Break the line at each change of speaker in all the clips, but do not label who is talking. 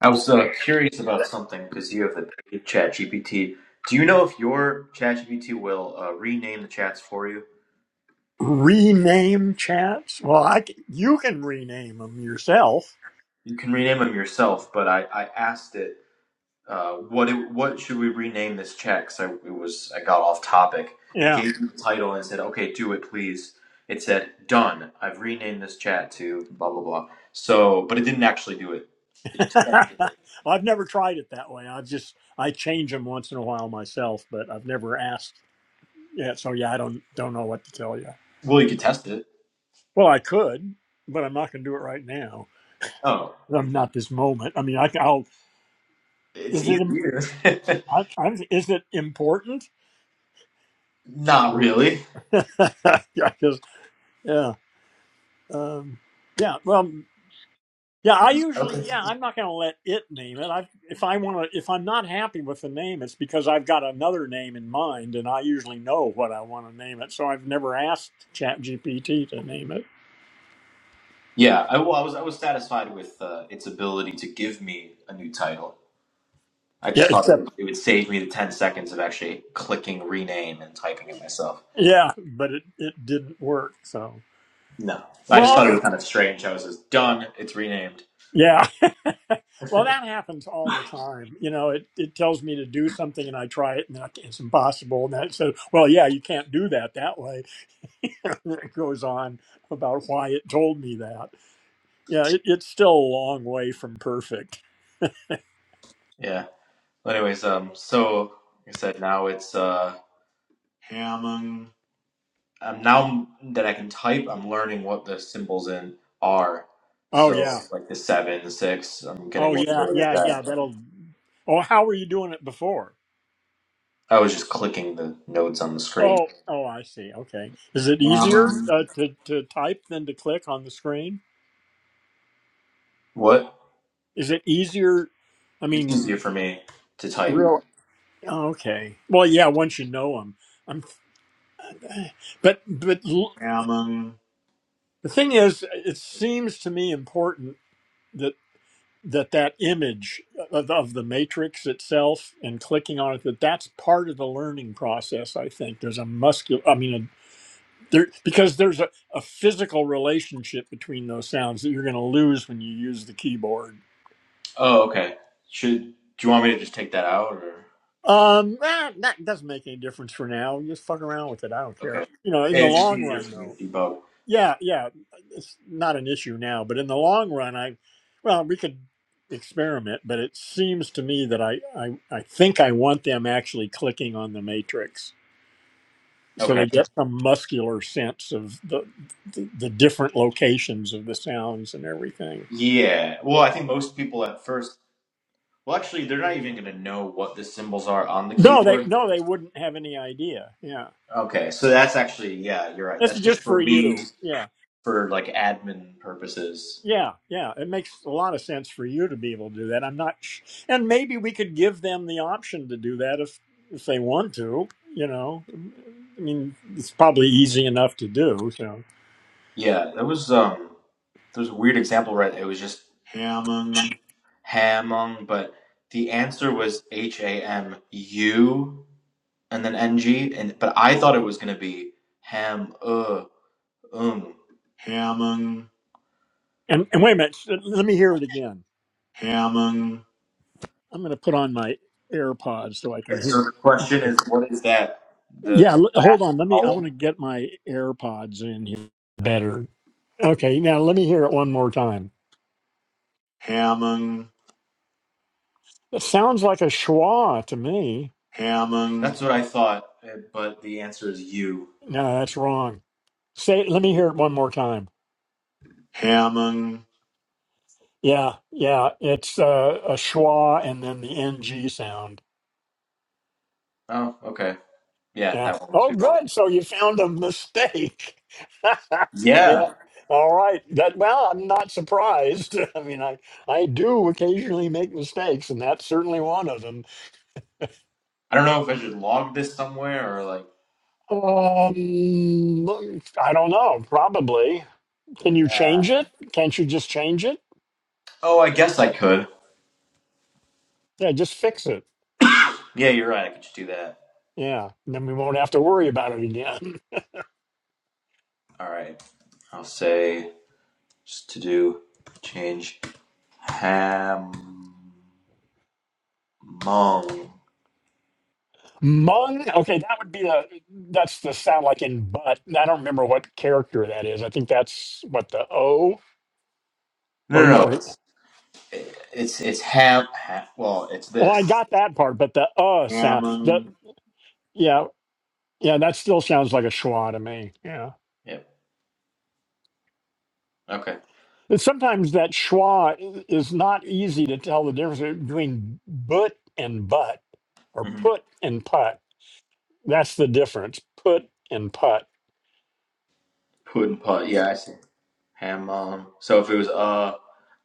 I was uh, curious about something because you have the paid ChatGPT. Do you know if your ChatGPT will uh, rename the chats for you?
rename chats? Well, I c- you can rename them yourself.
You can rename them yourself, but I, I asked it uh, what it, what should we rename this chat? Because I it was I got off topic. It
Yeah,
gave me the title and said, "Okay, do it, please." It said, "Done. I've renamed this chat to blah blah blah." So, but it didn't actually do it. It just
Well, I've never tried it that way. I just I change them once in a while myself, but I've never asked. Yeah, so yeah, I don't don't know what to tell you.
well, you could test it.
Well, I could, but I'm not going to do it right now.
Oh,
I'm
it's
not this moment. I mean, I can. I'll,
it's
is it im-
easier.
I, I'm, is it important?
Not really.
yeah, because yeah, um, yeah. Well, Yeah, I usually
Okay.
yeah, I'm not going to let it name it. I if I want to if I'm not happy with the name, it's because I've got another name in mind and I usually know what I want to name it. So I've never asked ChatGPT to name it.
Yeah, I, well, I was I was satisfied with uh, its ability to give me a new title. I
Yeah,
just thought it would,
except
it would save me the ten seconds of actually clicking rename and typing it myself.
yeah, but it it didn't work. So
No, I just
well,
thought it was kind of strange. how it says done. It's renamed.
yeah. Well, that happens all the time. You know, it it tells me to do something and I try it and then I it's impossible and that so well, yeah, you can't do that that way. it goes on about why it told me that. Yeah, it, it's still a long way from perfect.
Yeah. Well, anyways, um, so like I said, now it's uh, Hammond. Um, now that I can type, I'm learning what the symbols in are.
Oh
So
yeah.
like the seven, the six, I'm getting
Oh
more
yeah.
familiar with
Yeah yeah.
that.
That'll. Oh, how were you doing it before?
I was just clicking the notes on the screen.
Oh oh, I see. Okay. Is it easier
Hammond.
uh, to to type than to click on the screen?
What?
Is it easier? I
It's
mean,
easier for me to type.
real. oh, Okay. Well, yeah. Once you know them, I'm. But but l-
Salmon.
the thing is, it seems to me important. that that image of, of the matrix itself and clicking on it that that's part of the learning process i think there's a muscular i mean a, there because there's a, a physical relationship between those sounds that you're going to lose when you use the keyboard
Oh, okay. Should do you want me to just take that out or
um ah, that doesn't make any difference for now just fuck around with it i don't care
okay?
you know in the
It's just
long
easier
run
for me
though
to debug.
Yeah, yeah, it's not an issue now, but in the long run, I, well, we could experiment, but it seems to me that I, I, I think I want them actually clicking on the matrix so
Okay.
they get some muscular sense of the, the, the different locations of the sounds and everything.
Yeah. Well, I think most people at first. Well, actually, they're not even going to know what the symbols are on the
No, they,
keyboard.
no, they wouldn't have any idea. Yeah,
Okay, so that's actually yeah, you're right.
that's
That's
just
just
for
for
you.
me
Yeah.
for like admin purposes.
Yeah, yeah, it makes a lot of sense for you to be able to do that. I'm not, sh- and maybe we could give them the option to do that if if they want to. You know, I mean, it's probably easy enough to do. So,
Yeah, that was um. there's a weird example, right? It was just hamung, Hamung, but the answer was H A M U and then N G, and but I thought it was gonna be Ham uh um. hamung
and and wait a minute, sh- let me hear it again.
hamung.
I'm going to put on my AirPods so I can
Okay, so
hear.
the question
it.
is, what is that? The
Yeah,
that
l- hold
last
on. Let me. I want
vowel.
to get my AirPods in here
All right,
better. Okay, now let me hear it one more time.
hamung
It sounds like a schwa to me.
hamung. that's what I thought, eh, but the answer is U.
No, that's wrong. Say, let me hear it one more time.
Hamung.
Yeah, yeah, it's uh, a schwa and then the ng sound.
Oh, okay. Yeah,
Yeah.
that one must
Oh,
be wrong.
good. So you found a mistake. yeah.
Yeah.
All right. That well, I'm not surprised. I mean, I I do occasionally make mistakes, and that's certainly one of them.
I don't know if I should log this somewhere or like.
Um, I don't know. Probably. Can you change it? Can't you just change it?
Oh, I guess I could.
Yeah, just fix it.
Yeah, you're right. I could just do that.
Yeah. And then we won't have to worry about it again.
All right. I'll say just to do change ham mong.
Mung. Okay, that would be a. That's the sound like in butt. I don't remember what character that is. I think that's what the O
No, no,
or the.
no.
Or,
It's it's it's ham. ha well, it's
well, I
this.
got that part, but the uh sound. The
Hammond.
yeah yeah that still sounds like a schwa to me. Yeah.
Yep. Okay.
And sometimes that schwa i- is not easy to tell the difference between but and butt or
Mm-hmm.
put and putt. That's the difference. Put and putt.
Pudding pot. Yeah, I see. Ham mong. So if it was uh,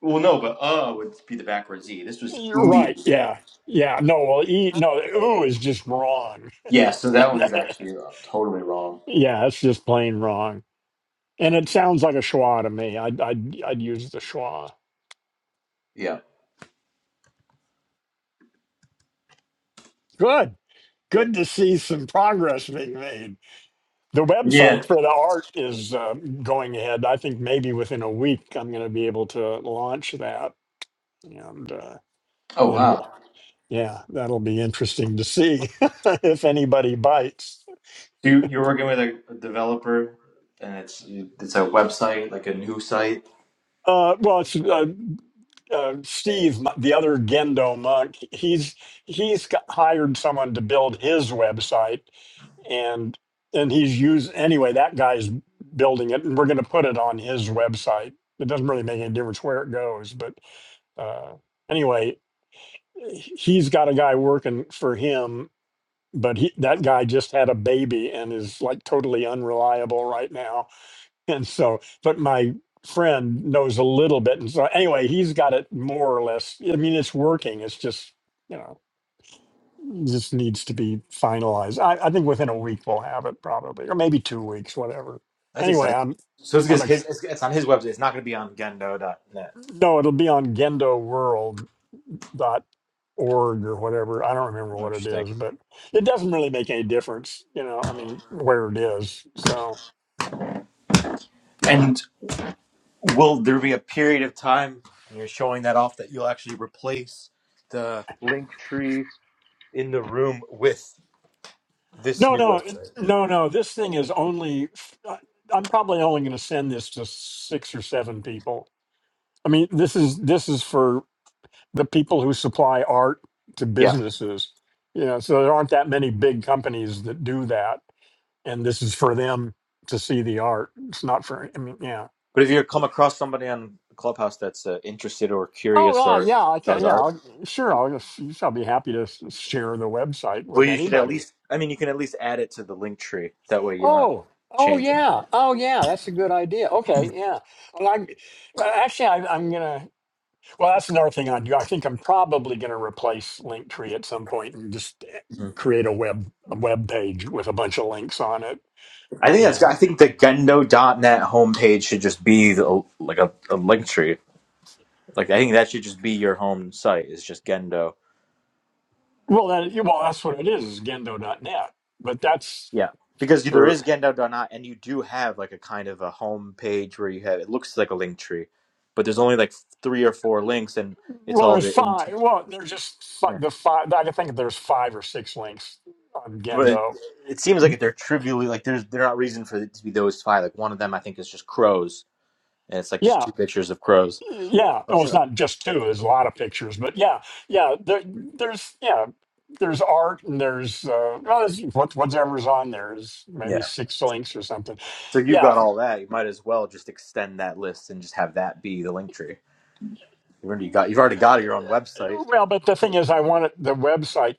well, no, but uh would be the backwards z. This was
You're
ooh.
right. Yeah. Yeah. No. Well, e, no. Ooh is just wrong.
Yeah. So that one is actually uh, totally wrong.
yeah, it's just plain wrong. And it sounds like a schwa to me. I'd, I'd, I'd use the schwa.
Yeah.
Good. Good to see some progress being made. The
Yeah.
website for the art is uh, going ahead. I think maybe within a week I'm going to be able to launch that. And, uh,
Oh
and
wow.
we'll, yeah, that'll be interesting to see if anybody bites.
So You you're working with a, a developer, and it's it's a website like a new site.
Uh, well, it's uh, uh, Steve, the other Gendo monk, he's he's got- hired someone to build his website, and and he's used anyway. That guy's building it, and we're going to put it on his website. It doesn't really make any difference where it goes, but uh, anyway, he- he's got a guy working for him, but he, that guy just had a baby and is like totally unreliable right now and so but my friend knows a little bit and so anyway he's got it more or less i mean it's working it's just you know just needs to be finalized i, I think within a week we'll have it probably or maybe two weeks whatever
That's
anyway
exciting.
i'm
So it's
i'm
because
ex-
his it's, it's on his website. It's not going to be on Gendo.net.
no it'll be on gendoworld dot org or whatever i don't remember
Oh,
what it
interesting.
is but it doesn't really make any difference you know i mean where it is so
And will there be a period of time when you're showing that off that you'll actually replace the link tree in the room with this
No,
new
no,
website?
no, no. This thing is only. I- I'm probably only going to send this to six or seven people. I mean, this is this is for the people who supply art to
Yeah.
businesses. You know, so there aren't that many big companies that do that, and this is for them to see the art. It's not for. I mean, yeah.
But if you come across somebody on Clubhouse that's uh, interested or
Oh,
curious
uh,
or
yeah. I can.
does
Yeah,
art,
I'll- sure. I'll just. I'll be happy to s- share the website
Well,
with
you should at
anybody.
least. I mean, you can at least add it to the link tree. That way, you don't have to
Oh, oh
change
yeah,
anything.
oh yeah, that's a good idea. Okay, yeah. Well, i well, actually I, I'm gonna. Well, that's another thing I do. I think I'm probably gonna replace Linktree at some point and just eh,
Mhm.
create a web a web page with a bunch of links on it.
I think that's.
And
I think the Gendo .dot net homepage should just be the, like a, a link tree. Like I think that should just be your home site. It's just Gendo.
well, that yeah, well, that's what it is. is Gendo.net, but that's
Yeah, because there is
for.
Gendo .dot net, and you do have like a kind of a home page where you have it looks like a link tree, but there's only like three or four links, and it's
Well,
all
there's
the. In-
five. Well, there's just fi-
yeah.
the five. I think there's five or six links on
But it,
Gendo.
it seems like they're trivially like there's they're not reason for it to be those five. Like one of them, I think, is just crows and it's like just
Yeah.
two pictures of crows.
yeah well it's not just two there's a lot of pictures but yeah yeah there, there's yeah there's art and there's uh well, there's what, whatever's on there is maybe
yeah.
six links or something
So you've
yeah
got all that. You might as well just extend that list and just have that be the link tree. You've already got you've already got your own website.
well but the thing is i wanted the website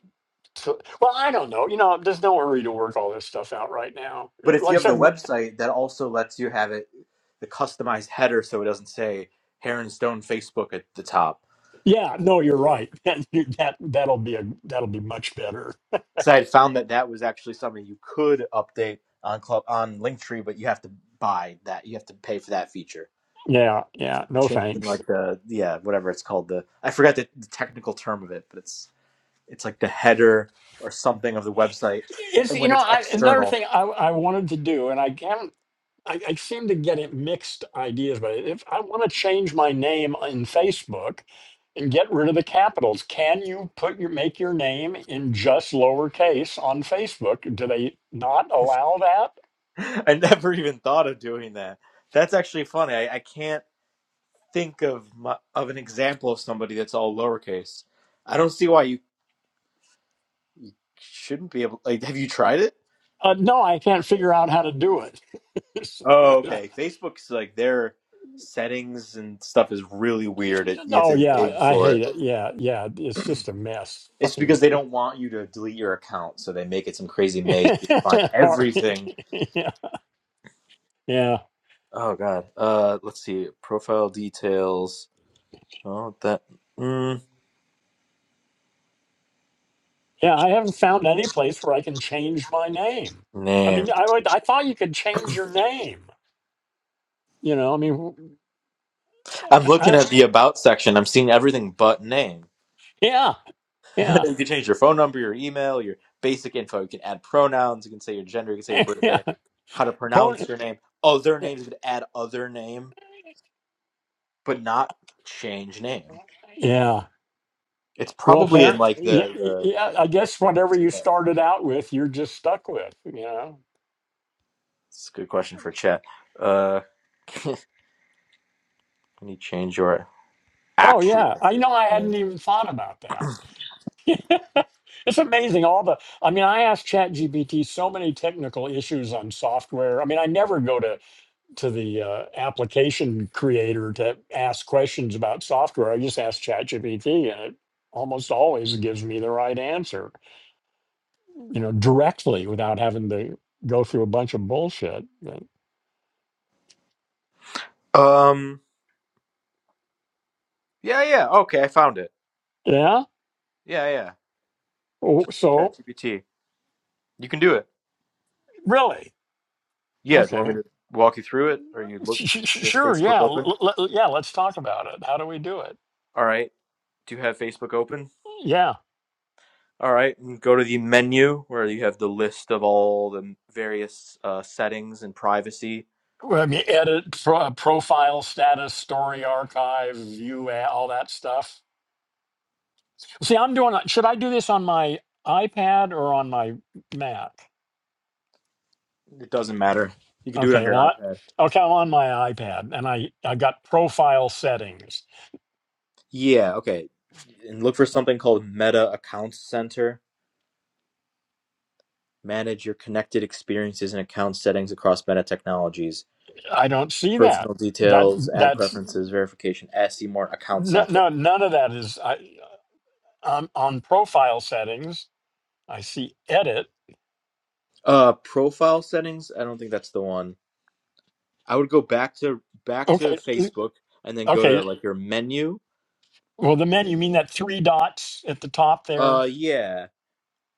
to well i don't know you know there's no hurry to work all this stuff out right now
But if
like
you
i
have the
said my-
website that also lets you have it the customized header so it doesn't say Heron Stone Facebook at the top.
yeah no you're right and you, that that'll be a that'll be much better
So I had found that that was actually something you could update on club on Linktree, but you have to buy that. You have to pay for that feature.
yeah yeah no
Changing
thanks
like the yeah whatever it's called the I forgot the, the technical term of it, but it's it's like the header or something of the website
it's
and
you
when
know
it's
I, another
external
thing I, I wanted to do and i can not I, I seem to get it mixed ideas, but if I want to change my name in Facebook and get rid of the capitals, can you put your make your name in just lowercase on Facebook? Do they not allow that?
i never even thought of doing that that's actually funny i, I can't think of my, of an example of somebody that's all lowercase i don't see why you shouldn't be able like have you tried it
Uh, no, I can't figure out how to do it.
oh okay facebook's like their settings and stuff is really weird it, you have
oh
to
yeah,
dig
I
for
hate
it
it. Yeah, yeah, it's just a mess.
it's because
Fucking
they don't want you to delete your account so they make it some crazy maze you find
hard.
everything
yeah, yeah.
Oh God. Uh, let's see. Profile details. Oh, that mm,
Yeah, I haven't found any place where I can change my name. I
name.
mean, I would, I thought you could change your name. You know, I mean, wh-
I'm
I,
looking
I,
at the about section. I'm seeing everything but name.
yeah, yeah,
you can change your phone number, your email, your basic info. You can add pronouns. You can say your gender. You can say your
yeah.
birthday. How to
Pron-
pronounce your name. Other names. You can add other name, but not change name.
yeah.
It's
Well,
probably in
parent,
like
yeah,
the
y-
the.
yeah. I guess
I don't-
whatever you started out with, you're just stuck with. You know.
It's a good question for chat. Uh, can you change your
Oh
actual
yeah, I know. I
Facebook
hadn't even thought about that. it's amazing. All the. I mean, I asked ChatGPT so many technical issues on software. I mean, I never go to to the uh, application creator to ask questions about software. I just ask ChatGPT, and it almost always gives me the right answer, you know, directly without having to go through a bunch of bullshit. But,
name? Um. Yeah, yeah. Okay, I found it.
yeah.
Yeah, yeah.
Oh,
Just
So
ChatGPT. You can do it.
really,
Yeah. Do you want me
okay,
to walk you through it, or you look?
Sh- sh- sh-
You have
sure,
Facebook
yeah,
open.
l- l- l- yeah. Let's talk about it. How do we do it?
All right. Do you have Facebook open?
Yeah.
All right. And go to the menu where you have the list of all the various uh, settings and privacy.
Well, I mean, edit pro- profile status, story archive, view, a- all that stuff. See, I'm doing. Should I do this on my iPad or on my Mac?
It doesn't matter. You can do it on
Okay,
your
what?
iPad.
okay, I'm on my iPad, and I I got profile settings.
Yeah. Okay. And look for something called Meta Accounts Center. Manage your connected experiences and account settings across Meta technologies.
I don't see that.
personal
That
details, add
that's
preferences, verification, ask Seymour account
no,
center.
no none of that is. I I'm on profile settings. I see edit.
Uh profile settings, I don't think that's the one. I would go back to back to
Okay,
Facebook and then go to
okay.
like your menu.
Well, the menu you mean that three dots at the top there?
Uh yeah.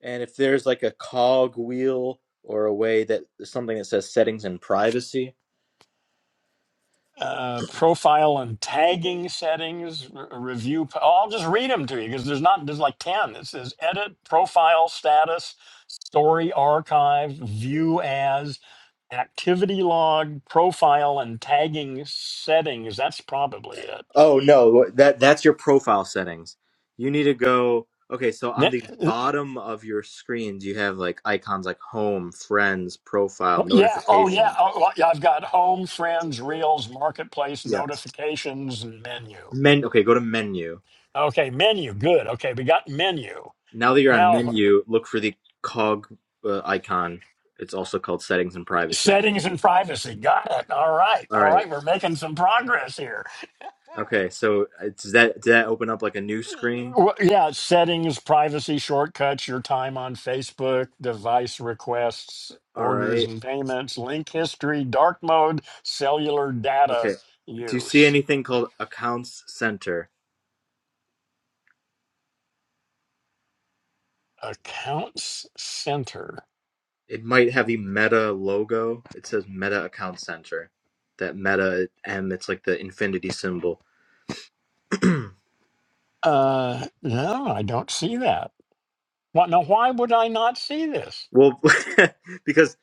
And if there's like a cog wheel or a way that something that says settings and privacy.
uh, profile and tagging settings, re- review. po- I'll just read them to you because there's not, there's like 10. It says edit, profile status, story archive, view as, activity log, profile and tagging settings. That's probably it.
Oh no, that that's your profile settings. You need to go Okay, so on the
Ne-
bottom of your screens you have like icons like home, friends,
oh,
profile,
yeah. Oh, yeah.
notifications.
Oh, well, yeah, I've got home, friends, reels, marketplace, notifications, and menu.
Men. Okay, go to menu.
Okay, menu. Good. Okay, we got menu.
Now that you're on
Now,
menu, look for the cog uh, icon. It's also called settings and privacy.
Settings and privacy. Got it. All right.
All
All
right.
right. We're making some progress here.
Okay. So uh, does that did that open up like a new screen?
Well, yeah, settings, privacy shortcuts, your time on Facebook, device requests,
All
orders
right.
and payments, link history, dark mode, cellular data
Okay. Do you see
use,
anything called accounts center?
accounts center.
It might have the Meta logo. It says Meta Account Center. That Meta M. It's like the infinity symbol.
Uh, no, I don't see that. What? Now, why would I not see this?
Well, because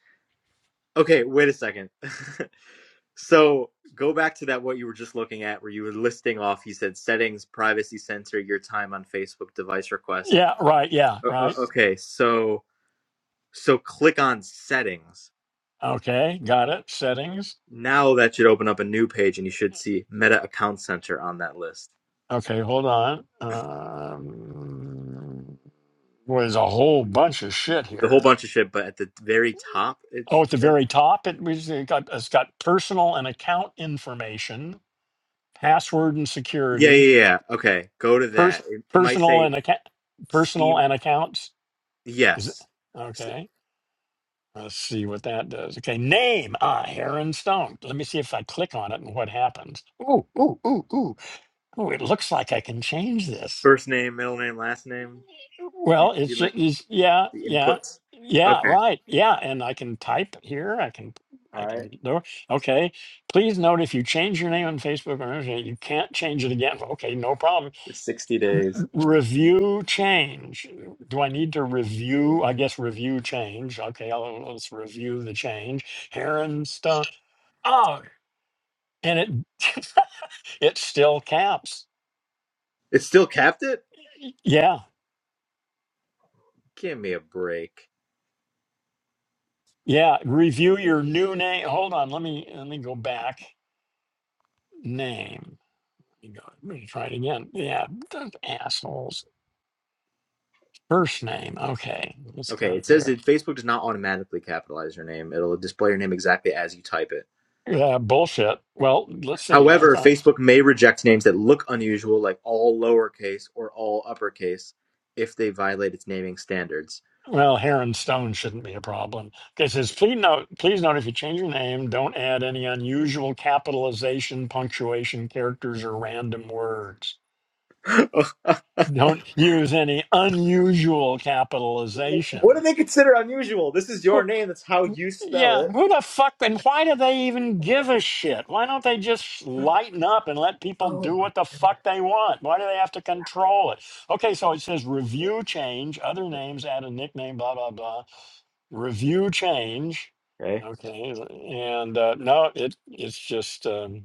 okay. Wait a second. So go back to that what you were just looking at, where you were listing off. You said settings, privacy center, your time on Facebook device request.
Yeah, right. Yeah,
O-
right.
okay, so so click on settings.
Okay, got it. Settings.
Now that should open up a new page, and you should see Meta Account Center on that list.
Okay, hold on. Um, well, there's a whole bunch of shit
It's a whole
here.
bunch of shit, but at the very top it
Oh, at
should
the
say.
very top, it was it got it's got personal and account information, password and
Yeah,
security,
yeah, yeah. Okay, go to
pers-
that. It, it might
personal
say
and account, personal
Steam.
and accounts. Is it,
Yes,
okay. Let's see what that does. Okay, name ah Heron Stone. Let me see if I click on it and what happens. Ooh ooh ooh ooh ooh! It looks like I can change this.
first name, middle name, last name. You,
Well, it's
you like
just it's, yeah,
the
yeah,
inputs.
yeah,
Okay.
right, yeah. And I can type here. I can,
All
I
right.
can do. Okay. Please note if you change your name on Facebook or Instagram, you can't change it again. Okay, no problem.
for 60 days.
Review change. Do I need to review? I guess review change. Okay, I'll, let's review the change. Heron stuff. Oh, and it it's still caps.
It still capped it?
Yeah,
Give me a break.
yeah. Review your new name. Hold on, let me let me go back. Name. You go, let me try it again. Yeah, those assholes. First name. Okay, let's
Okay,
go
it says
here.
that Facebook does not automatically capitalize your name. It'll display your name exactly as you type it.
Yeah, bullshit. Well, let's see here.
However,
Okay.
Facebook may reject names that look unusual, like all lowercase or all uppercase, if they violate its naming standards.
Well, Heron Stone shouldn't be a problem. Okay, it says, please note, please note if you change your name, don't add any unusual capitalization, punctuation, characters, or random words. Don't use any unusual
What do
capitalization.
they consider unusual? This is your name. That's how you spell
Yeah,
it.
who the fuck and why do they even give a shit? Why don't they just lighten up and let people do
Oh,
what the fuck they want? Why do they have to control it? Okay, so it says review change, other names add a nickname, blah blah blah. Review change.
Okay.
Okay, and uh, no, it it's just um,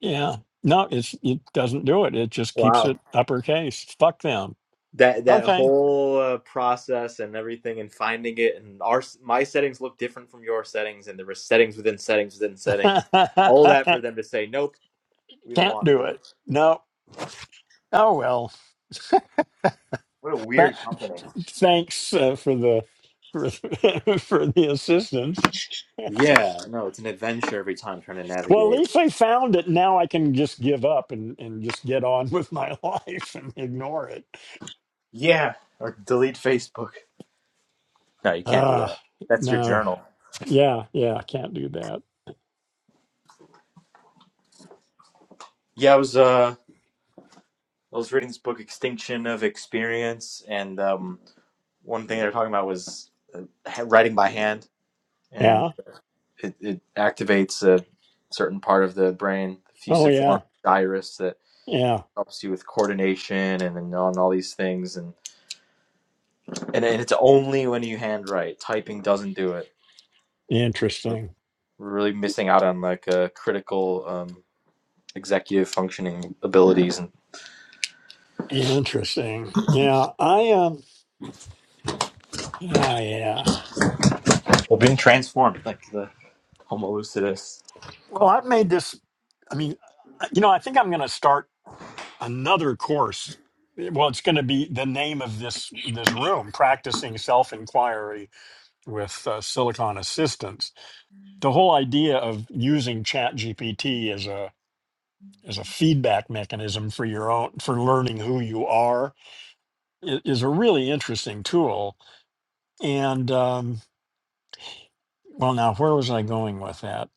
yeah, no, it's it doesn't do it. It just keeps
Wow.
it uppercase. Fuck them.
that that
Okay,
whole uh, process and everything and finding it and our my settings look different from your settings and there were settings within settings within settings all that for them to say nope we don't
can't
want
do
to
it. No. Oh well.
what a
But
weird company
thanks uh, for the for, for the assistance.
yeah no it's an adventure every time trying to
Well, at
navigate
least I found it. Now I can just give up and, and just get on with my life and ignore it.
yeah or delete facebook no you can't do
Ah,
that that's your
no,
journal
yeah, yeah, I can't do that.
yeah i was uh i was reading this book extinction of experience and um one thing they were talking about was uh, ha- writing by hand and
Yeah.
it, it activates a certain part of the brain, the
Oh,
fusiform
yeah,
gyrus that
yeah.
helps you with coordination and and on all these things and, and and it's only when you handwrite. Typing doesn't do it. We're
Interesting.
we're really missing out on like a critical um, executive functioning abilities and
Interesting. Yeah, I um. Ah, yeah.
we're being transformed like the Homo lucidus.
Well, I've made this. I mean, you know, I think I'm going to start. another course. Well, it's going to be the name of this this room: practicing self inquiry with uh, Silicon Assistance. The whole idea of using Chat GPT as a as a feedback mechanism for your own for learning who you are i- is a really interesting tool. And um, well, now where was I going with that?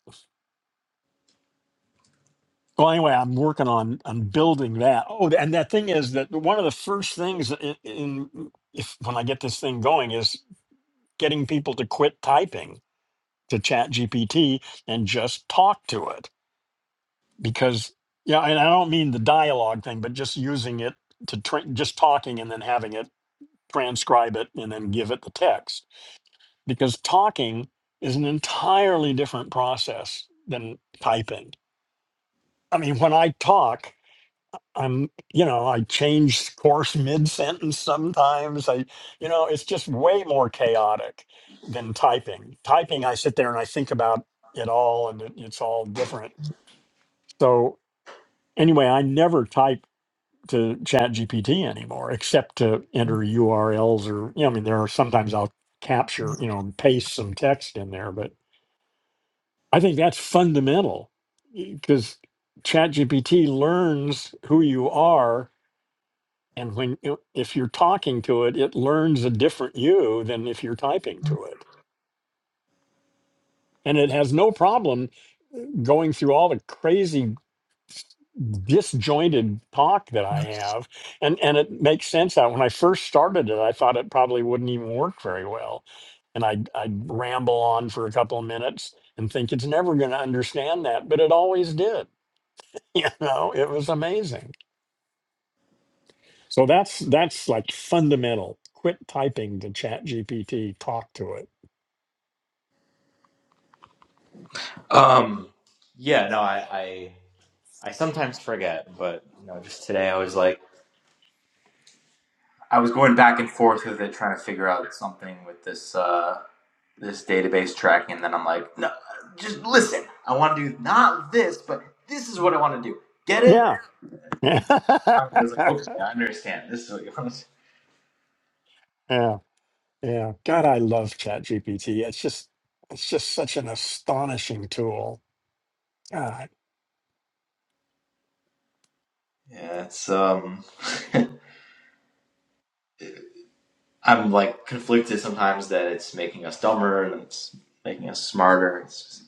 Well, anyway, I'm working on on building that. Oh, and that thing is that one of the first things in, in if when I get this thing going is getting people to quit typing to chat gpt and just talk to it because yeah and i don't mean the dialogue thing but just using it to tra- just talking and then having it transcribe it and then give it the text because talking is an entirely different process than typing i mean when i talk I'm, you know, I change course mid sentence sometimes. I, you know, it's just way more chaotic than typing. Typing, I sit there and I think about it all and it, it's all different. So, anyway, I never type to chat GPT anymore except to enter URLs or, you know, I mean, there are sometimes I'll capture, you know, and paste some text in there, but I think that's fundamental because chat GPT learns who you are And when you- if you're talking to it, it learns a different you than if you're typing to it. And it has no problem uh, going through all the crazy disjointed talk that I have. And and it makes sense out. When I first started it, I thought it probably wouldn't even work very well. And I I ramble on for a couple of minutes and think it's never going to understand that, but it always did. You know, it was amazing. So that's that's like fundamental. Quit typing to Chat GPT, talk to it
Um yeah, no, I I, I sometimes forget, but you know, just today I was like I was going back and forth with it, trying to figure out something with this uh, this database tracking, and then I'm like, no, just listen. I want to do not this, but this is what I want to do. Get it?
Yeah. Yeah.
I was like, okay, I understand. This is what you want to. do.
yeah. Yeah. God, I love ChatGPT. It's just it's just such an astonishing tool. God.
Yeah, it's um, I'm like conflicted sometimes that it's making us dumber and it's making us smarter. It's just,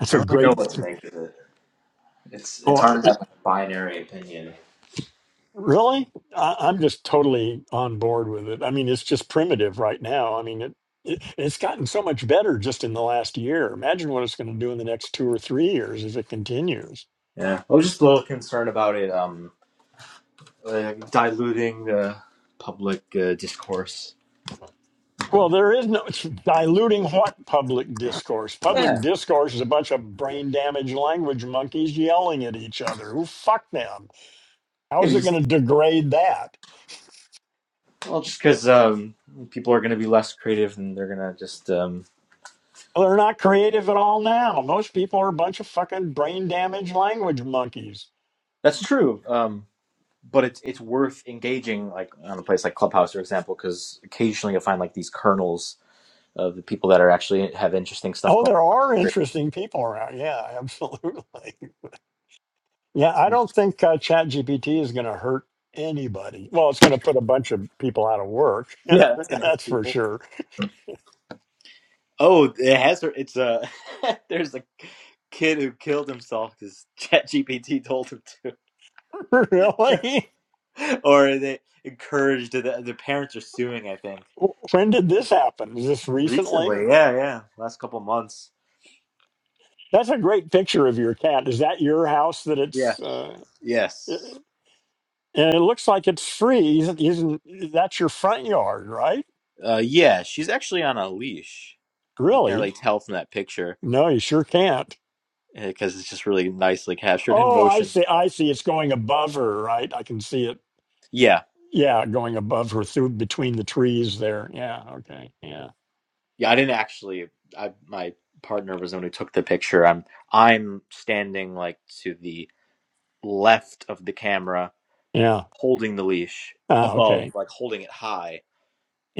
It's
I
a
don't really
great
know what to make of it. It's it's
oh
hard to
it-
have a binary opinion.
really? I, I'm just totally on board with it. I mean, it's just primitive right now. I mean it, it it's gotten so much better just in the last year. Imagine what it's going to do in the next two or three years if it continues.
Yeah, I was just a little concerned about it. Um, uh, diluting the public uh, discourse.
Well, there is no it's diluting what public discourse.
Yeah,
Public discourse is a bunch of brain damaged language monkeys yelling at each other. Who fuck them? How
Yeah,
is it going
because,
to degrade that?
well, just because um, people are going to be less creative and they're going to just. Um,
Well, they're not creative at all now. Most people are a bunch of fucking brain damaged language monkeys.
that's true. Um, but it's it's worth engaging, like on a place like Clubhouse, for example, because occasionally you'll find like these kernels of the people that are actually have interesting stuff
Oh,
going.
there are interesting people around. Yeah, absolutely. Yeah, I don't think uh, ChatGPT is going to hurt anybody. Well, it's going to put a bunch of people out of work.
Yeah, that's gonna hurt
That's for
people.
sure.
Oh, it has. hurt- It's uh, there's a kid who killed himself because ChatGPT told him
really?
or they encouraged the the parents are suing. I think
W- When did this happen? Is this recently?
recently,
Or
yeah, yeah, last couple months.
that's a great picture of your cat. Is that your house? That
Yeah.
it's uh,
Yes.
i- and it looks like it's free. Isn't, isn't that's your front yard, right?
Uh, yeah, she's actually on a leash. You can't really
Really?
tell from that picture
No, you sure can't.
because it's just really nicely captured in
Oh, I
motion.
see. I see. It's going above her, right? I can see it.
Yeah,
Yeah, going above her through between the trees there. Yeah. Okay. Yeah.
yeah. I didn't actually. I my partner was the one who took the picture. I'm I'm standing like to the left of the camera,
Yeah.
holding the leash
Ah,
above,
okay.
like holding it high,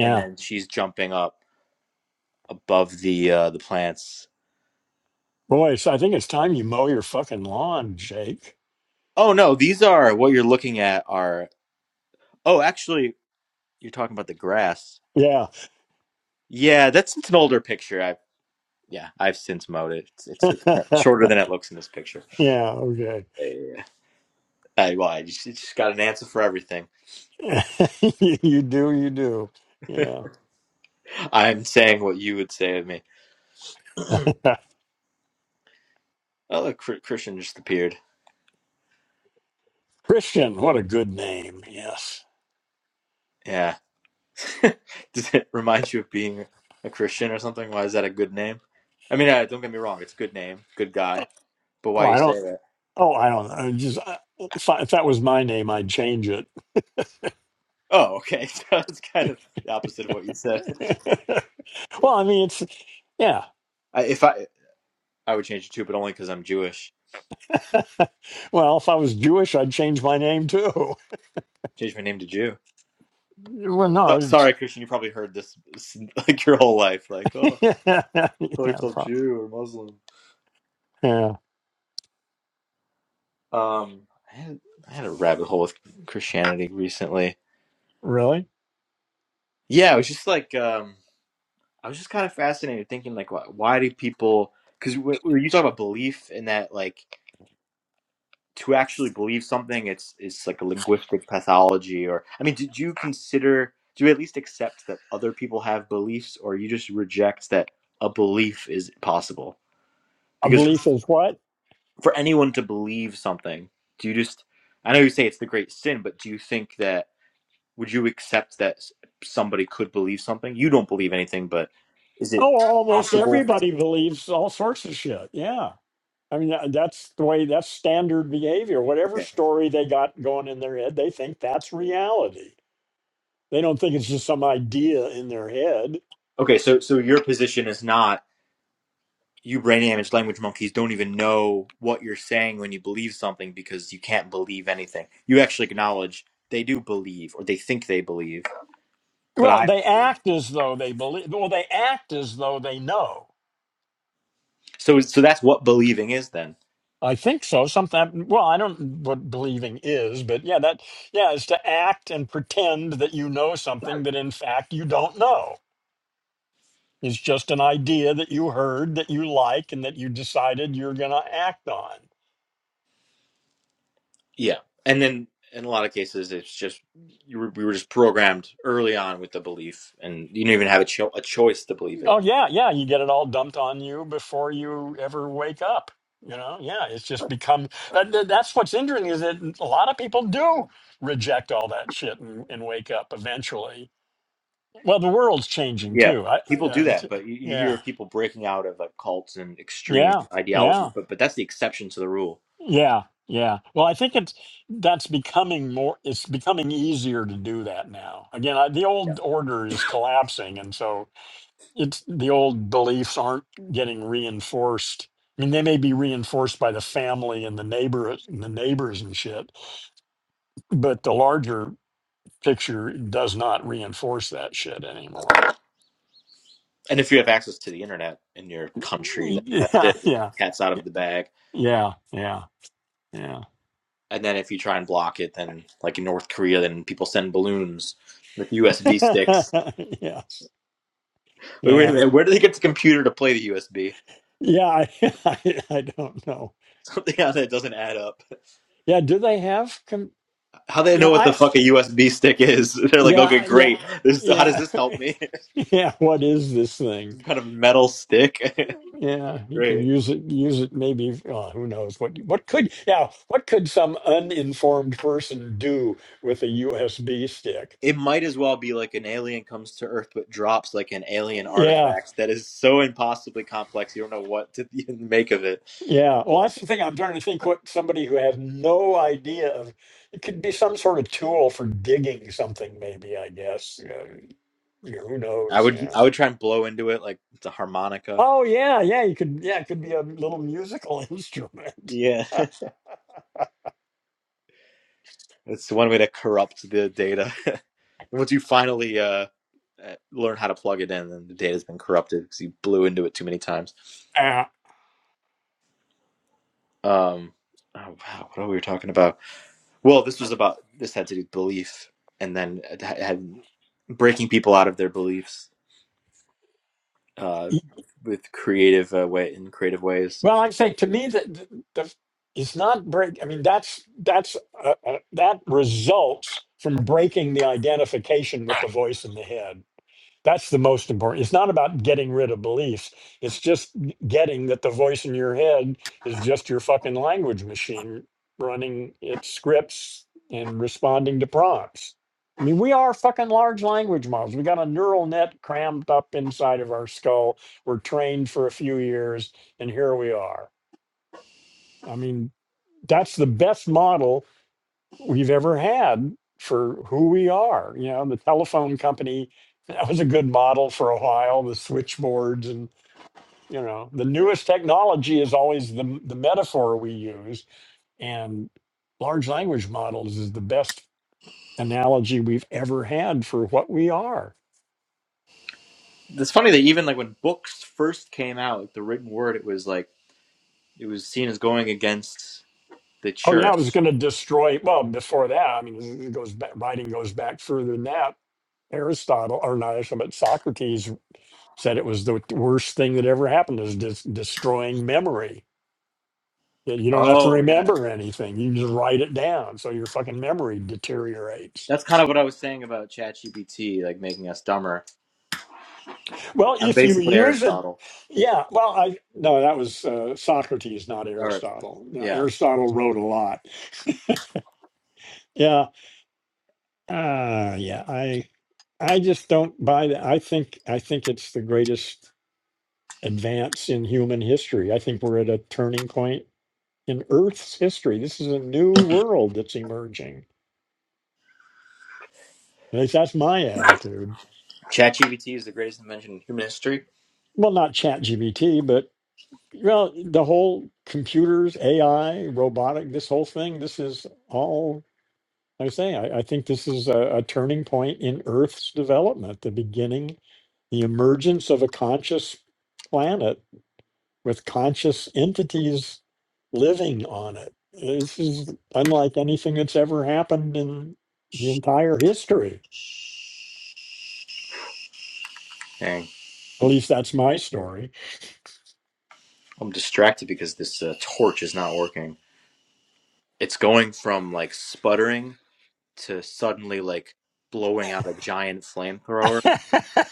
and then she's jumping up above the uh, the plants.
Boy, so I think it's time you mow your fucking lawn, Jake.
Oh no, these are what you're looking at are. Oh, actually, you're talking about the grass.
Yeah.
Yeah, that's it's an older picture. I yeah, I've since mowed it. It's it's, it's shorter than it looks in this picture.
yeah. Okay.
Yeah, yeah, yeah. I, well, I just, it's just got an answer for everything.
you you do, you do. Yeah.
I'm saying what you would say of me. Oh, look, Chr- Christian just appeared.
Christian, what a good name. Yes.
Yeah. Does it remind you of being a Christian or something? Why is that a good name? I mean, uh, don't get me wrong. It's a good name, good guy. But
Oh,
why you
I
say
don't.
that?
Oh, I don't. I just I, if, I, if that was my name, I'd change it.
Oh, okay. So That's kind of the opposite of what you said.
well, I mean, it's yeah.
I, if I, I would change it too, but only because I'm Jewish.
well, if I was Jewish, I'd change my name too.
Change my name to Jew.
Well, no,
So,
it's
sorry, Christian. You probably heard this like your whole life. Like, oh, call
yeah,
yourself
pro-
Jew or Muslim.
yeah.
Um, I had, I had a rabbit hole with Christianity recently.
Really,
Yeah, it was just like um, I was just kind of fascinated, thinking like, why, why do people? Because were you talking about belief in that, like to actually believe something it's it's like a linguistic pathology or i mean did you consider do you at least accept that other people have beliefs or you just reject that a belief is possible
a
because
belief is what?
for anyone to believe something do you just i know you say it's the great sin but do you think that would you accept that s- somebody could believe something you don't believe anything but is it
Oh, almost
possible
everybody believes all sorts of shit. Yeah. I mean, tha- that's the way that's standard behavior. Whatever
okay
story they got going in their head, they think that's reality. They don't think it's just some idea in their head.
okay so so your position is not you brain damaged language monkeys don't even know what you're saying when you believe something because you can't believe anything. You actually acknowledge they do believe or they think they believe, but
Well,
I
they
don't believe.
act as though they believe. Well, they act as though they know.
So so that's what believing is then.
I think so. Something. Well, I don't know what believing is, but yeah, that yeah is to act and pretend that you know something that in fact you don't know. It's just an idea that you heard that you like and that you decided you're going to act on.
Yeah. And then in a lot of cases it's just you were, we were just programmed early on with the belief and you don't even have a, cho- a choice to believe it.
Oh yeah, yeah. You get it all dumped on you before you ever wake up. You know, yeah. It's just become. and th- That's what's interesting is that a lot of people do reject all that shit and, and wake up eventually. Well, the world's changing
Yeah.
too. I, I,
People do
uh,
that,
t-
but you, you hear
yeah,
of people breaking out of like cults and extreme
yeah,
ideologies,
yeah,
but but that's the exception to the rule.
yeah, yeah. Well, I think it's that's becoming more. It's becoming easier to do that now. Again, I, the old order is collapsing, and so it's the old beliefs aren't getting reinforced. I mean, they may be reinforced by the family and the neighbor and the neighbors and shit, but the larger picture does not reinforce that shit anymore.
And if you have access to the internet in your country, then that's
Yeah,
it.
yeah,
Cat's out of the bag.
yeah, yeah, yeah.
And then if you try and block it, then like in North Korea, then people send balloons with USB sticks.
yes,
Wait, wait a
yeah,
minute. Where do they get the computer to play the USB?
yeah. I, I, I don't know.
Something on that doesn't add up.
Yeah, do they have? Com-
How do they
yeah,
know what the
I,
fuck a USB stick is? They're like,
yeah,
okay,
I- yeah,
great. This, how does
yeah,
this help me?
yeah. What is this thing?
Some kind of metal stick.
Yeah, you can
great.
use it. Use it. Maybe oh, who knows what? What could? Yeah, what could some uninformed person do with a USB stick?
It might as well be like an alien comes to Earth but drops like an alien
Yeah,
artifact that is so impossibly complex. You don't know what to make of it.
yeah. Well, that's the thing. I'm trying to think what somebody who has no idea of. It could be some sort of tool for digging something. Maybe I guess. Uh, you know, who
I
knows?
would
Yeah.
I would try and blow into it like it's a harmonica.
Oh yeah, yeah. You could. Yeah, it could be a little musical instrument.
Yeah. It's one way to corrupt the data. Once you finally uh, uh, learn how to plug it in, then the data's been corrupted because you blew into it too many times.
Ah.
Um, oh, wow, what are we talking about? Well, this was about this had to do with belief, and then it had breaking people out of their beliefs uh, with creative uh, way in creative ways.
Well, I think to me that the, the it's not break. I mean, that's that's uh, uh, that results from breaking the identification with the voice in the head. That's the most important. It's not about getting rid of beliefs. It's just getting that the voice in your head is just your fucking language machine running its scripts and responding to prompts. I mean, we are fucking large language models. We got a neural net crammed up inside of our skull. We're trained for a few years, and here we are. I mean, that's the best model we've ever had for who we are. You know, the telephone company, that was a good model for a while, the switchboards and you know, the newest technology is always the the metaphor we use and large language models is the best analogy we've ever had for what we are.
It's funny that even like when books first came out, like the written word, it was like. It was seen as going against the
Oh yeah, I was
church.
going to destroy well, before that, I mean, it goes back writing goes back further than that. Aristotle, or not Aristotle, but Socrates Said it was the worst thing that ever happened is des- destroying memory. That You don't have to
Oh yeah,
remember anything. You just write it down. So your fucking memory deteriorates.
that's kind of what I was saying about ChatGPT, like making us dumber.
Well,
I'm
if you
basically
use it,
Aristotle.
yeah. Well, I, no, that was uh, Socrates, not
Or
Aristotle. Now,
yeah,
Aristotle wrote a lot. Yeah. Uh, yeah. I, I just don't buy that. I think I think it's the greatest advance in human history. I think we're at a turning point in Earth's history. This is a new world that's emerging. At least that's my attitude.
ChatGPT is the greatest invention in human history.
Well, not chat GBT, but well, the whole computers, AI, robotic, this whole thing, this is all, like I say, I, I think this is a, a turning point in Earth's development, the beginning, the emergence of a conscious planet with conscious entities living on it. This is unlike anything that's ever happened in the entire history.
Dang,
At least that's my story.
I'm distracted because this uh, torch is not working. It's going from like sputtering to suddenly like blowing out a giant flamethrower.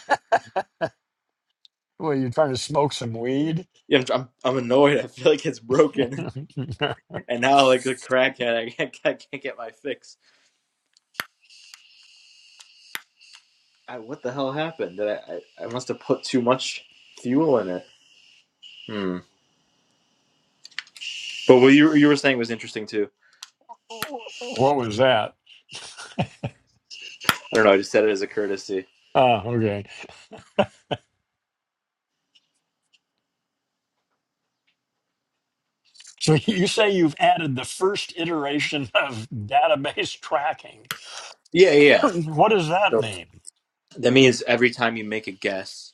Well, you trying to smoke some weed?
Yeah, I'm, I'm, I'm annoyed. I feel like it's broken,
what
and now like a crackhead, I can't, I can't get my fix. I, what the hell happened? Did I, I? I must have put too much fuel in it. Hmm. But what you you were saying was interesting too.
was that?
I don't know. I just said it as a courtesy.
Ah, okay. So you say you've added the first iteration of database tracking.
Yeah, yeah.
What does that
So
mean?
that means every time you make a guess,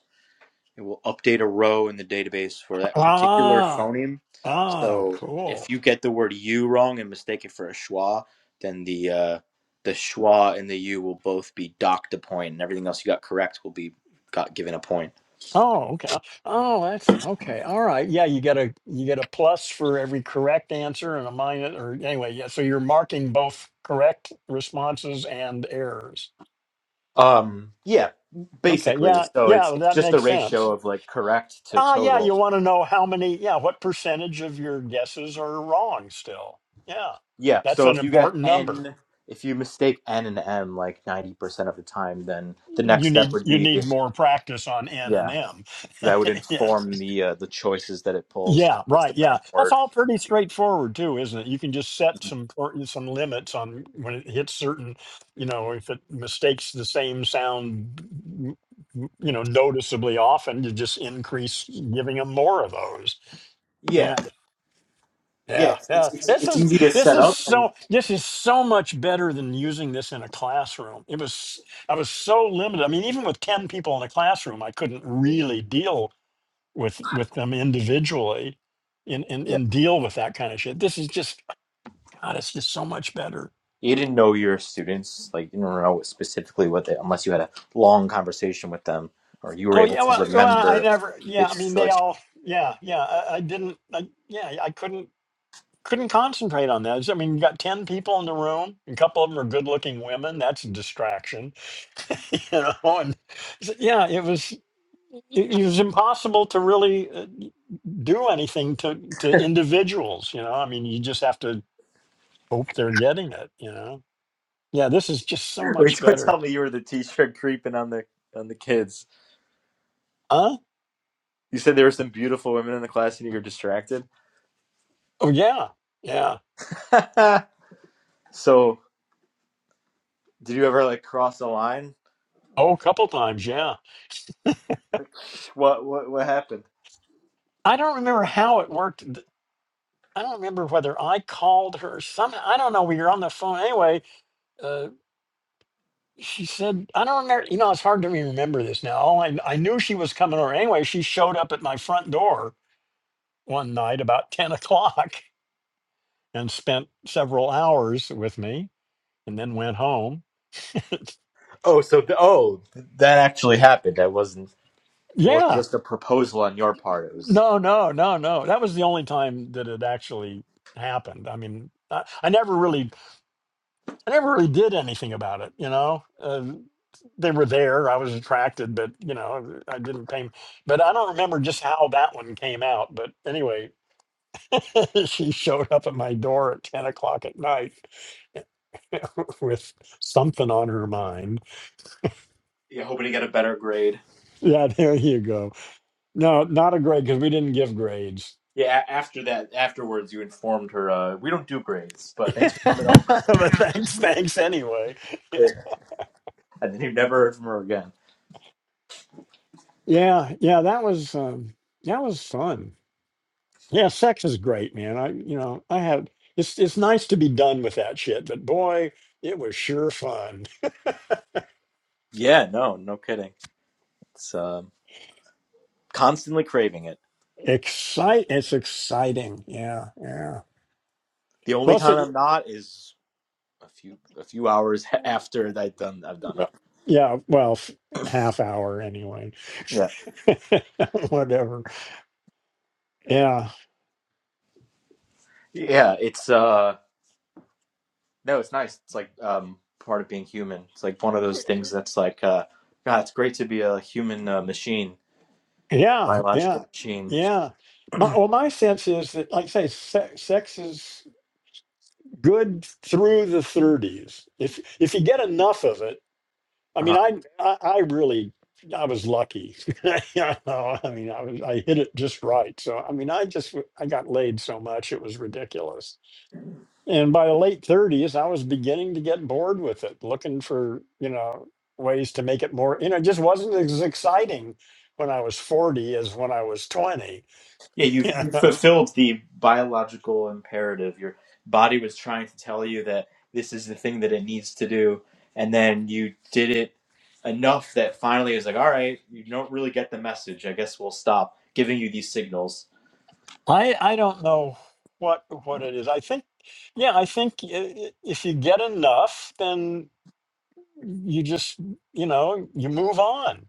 it will update a row in the database for that particular
Ah,
phoneme.
oh,
So if
cool.
you get the word "you" wrong and mistake it for a schwa, then the uh, the schwa and the "u" will both be docked a point, and everything else you got correct will be got given a point.
Oh, okay. Oh, that's okay. All right. Yeah, you get a you get a plus for every correct answer and a minus or anyway, yeah. So you're marking both correct responses and errors.
Um, yeah,
Okay.
basically.
Yeah,
So it's
yeah,
it's
that
just the
makes sense.
ratio of like correct to
Ah, yeah,
total.
you want to know how many, yeah, what percentage of your guesses are wrong still. Yeah.
Yeah.
That's
So
an
if you get
important number.
n, if you mistake n and m like ninety percent of the time, then the next
You
step
need
would
you
be
need more practice on N and
yeah.
M.
So that would
Yes.
inform the uh, the choices that it pulls.
Yeah,
It's the
right. Yeah.
random
That's
word.
all pretty straightforward too, isn't it? You can just set some per- some limits on when it hits certain, you know, if it mistakes the same sound m- m- you know noticeably often, you just increase giving them more of those. Yeah.
Yeah. Yeah.
Yeah,
It's
yeah.
it's it's
This
it's
is
easy to
this
set
is
up
so
and.
this is so much better than using this in a classroom. It was I was so limited. I mean, even with 10 people in a classroom, I couldn't really deal with with them individually and and,
Yeah.
and deal with that kind of shit. This is just God, it's just so much better.
You didn't know your students, like you don't know specifically what they, unless you had a long conversation with them, or you were
Oh
able
yeah,
to
well, well I
remember
never yeah, I
its
mean they
choices.
all yeah, yeah. I, I didn't I, yeah, I couldn't couldn't concentrate on that. I mean, you got 10 people in the room, a couple of them are good-looking women. That's a distraction you know and s- yeah it was it, it was impossible to really uh, do anything to to individuals you know i mean you just have to hope they're getting it you know yeah this is just so much
Wait, don't
better
tell me you were the teacher creeping on the on the kids.
huh
You said there were some beautiful women in the class and you were distracted.
oh yeah yeah
so, did you ever like cross the line?
oh a couple times yeah
Like, what what what happened?
i don't remember how it worked Th- i don't remember whether i called her some i don't know we were on the phone anyway uh she said, I don't remember, you know, it's hard to remember this now. All I, I knew she was coming over. Anyway, she showed up at my front door one night about 10 o'clock and spent several hours with me and then went home.
Oh, so th- oh, that actually happened. That wasn't was
yeah.
just a proposal on your part. It was
No, no, no, no. That was the only time that it actually happened. I mean, I, I never really, I never really did anything about it. You know, uh, they were there. I was attracted, but you know, I didn't pay. 'em- But I don't remember just how that one came out. But anyway, she showed up at my door at ten o'clock at night with something on her mind.
yeah, hoping to get a better grade.
Yeah, there you go. No, not a grade because we didn't give grades.
Yeah, a- after that, afterwards, you informed her uh, we don't do grades, but thanks for coming over.
but thanks, thanks anyway.
Yeah.
Yeah,
And then you never heard from her again.
yeah, yeah, that was um, that was fun. Yeah, sex is great, man. I, you know, I had it's it's nice to be done with that shit, but boy, it was sure fun.
Yeah, no, no kidding. It's um, constantly craving it.
Excite, it's exciting. Yeah, yeah.
The only
Well, so
time I'm not is a few a few hours
well,
after I've done I've done it.
yeah, well, f- half hour anyway.
Yeah.
Whatever. Yeah.
Yeah, it's uh no, it's nice. It's like um part of being human. It's like one of those things that's like uh God, it's great to be a human uh, machine,
Yeah,
biological
yeah,
machine.
yeah. My, well, my sense is that, like I say, sex, sex is good through the 30s. If if you get enough of it, I mean, I I, I really I was lucky. You know, I mean, I was I hit it just right. So I mean, I just w- I got laid so much it was ridiculous. And by the late 30s, I was beginning to get bored with it, looking for you know ways to make it more. You know, it just wasn't as exciting when I was 40 as when I was 20
Yeah, you've
yeah,
you fulfilled the biological imperative. Your body was trying to tell you that this is the thing that it needs to do, and then you did it enough that finally it's like, all right, you don't really get the message. I guess we'll stop giving you these signals.
I I don't know what what it is. I think, yeah, I think i- i- if you get enough, then you just you know you move on.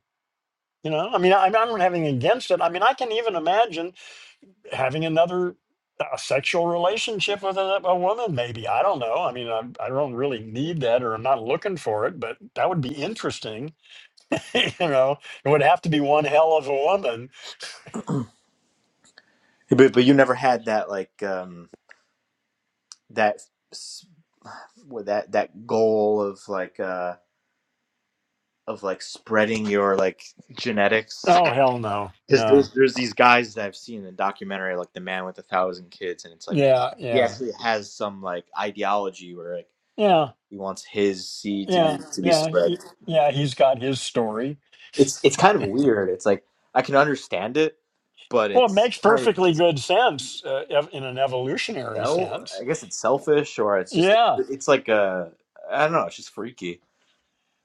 You know, I mean, I, I am not having against it. I mean, I can even imagine having another a sexual relationship with a, a woman. Maybe I don't know. I mean, I I don't really need that, or I'm not looking for it. But that would be interesting. you know, it would have to be one hell of a woman.
But but you never had that like um that s- with that that goal of like uh of like spreading your like genetics.
Oh hell no,
because there's
no.
there's these guys that I've seen in the documentary, like the man with a thousand kids, and it's like
Yeah,
he
yeah,
actually has some like ideology where like
yeah.
he wants his seed to be
Yeah,
to be
yeah,
spread.
he- yeah. He's got his story.
It's it's kind of weird. It's like I can understand it, but
Well, it
it's
makes
kind of
perfectly
it's
good sense uh, ev- in an evolutionary
well,
sense.
I guess it's selfish or it's just
Yeah.
it's like a I don't know. It's just freaky.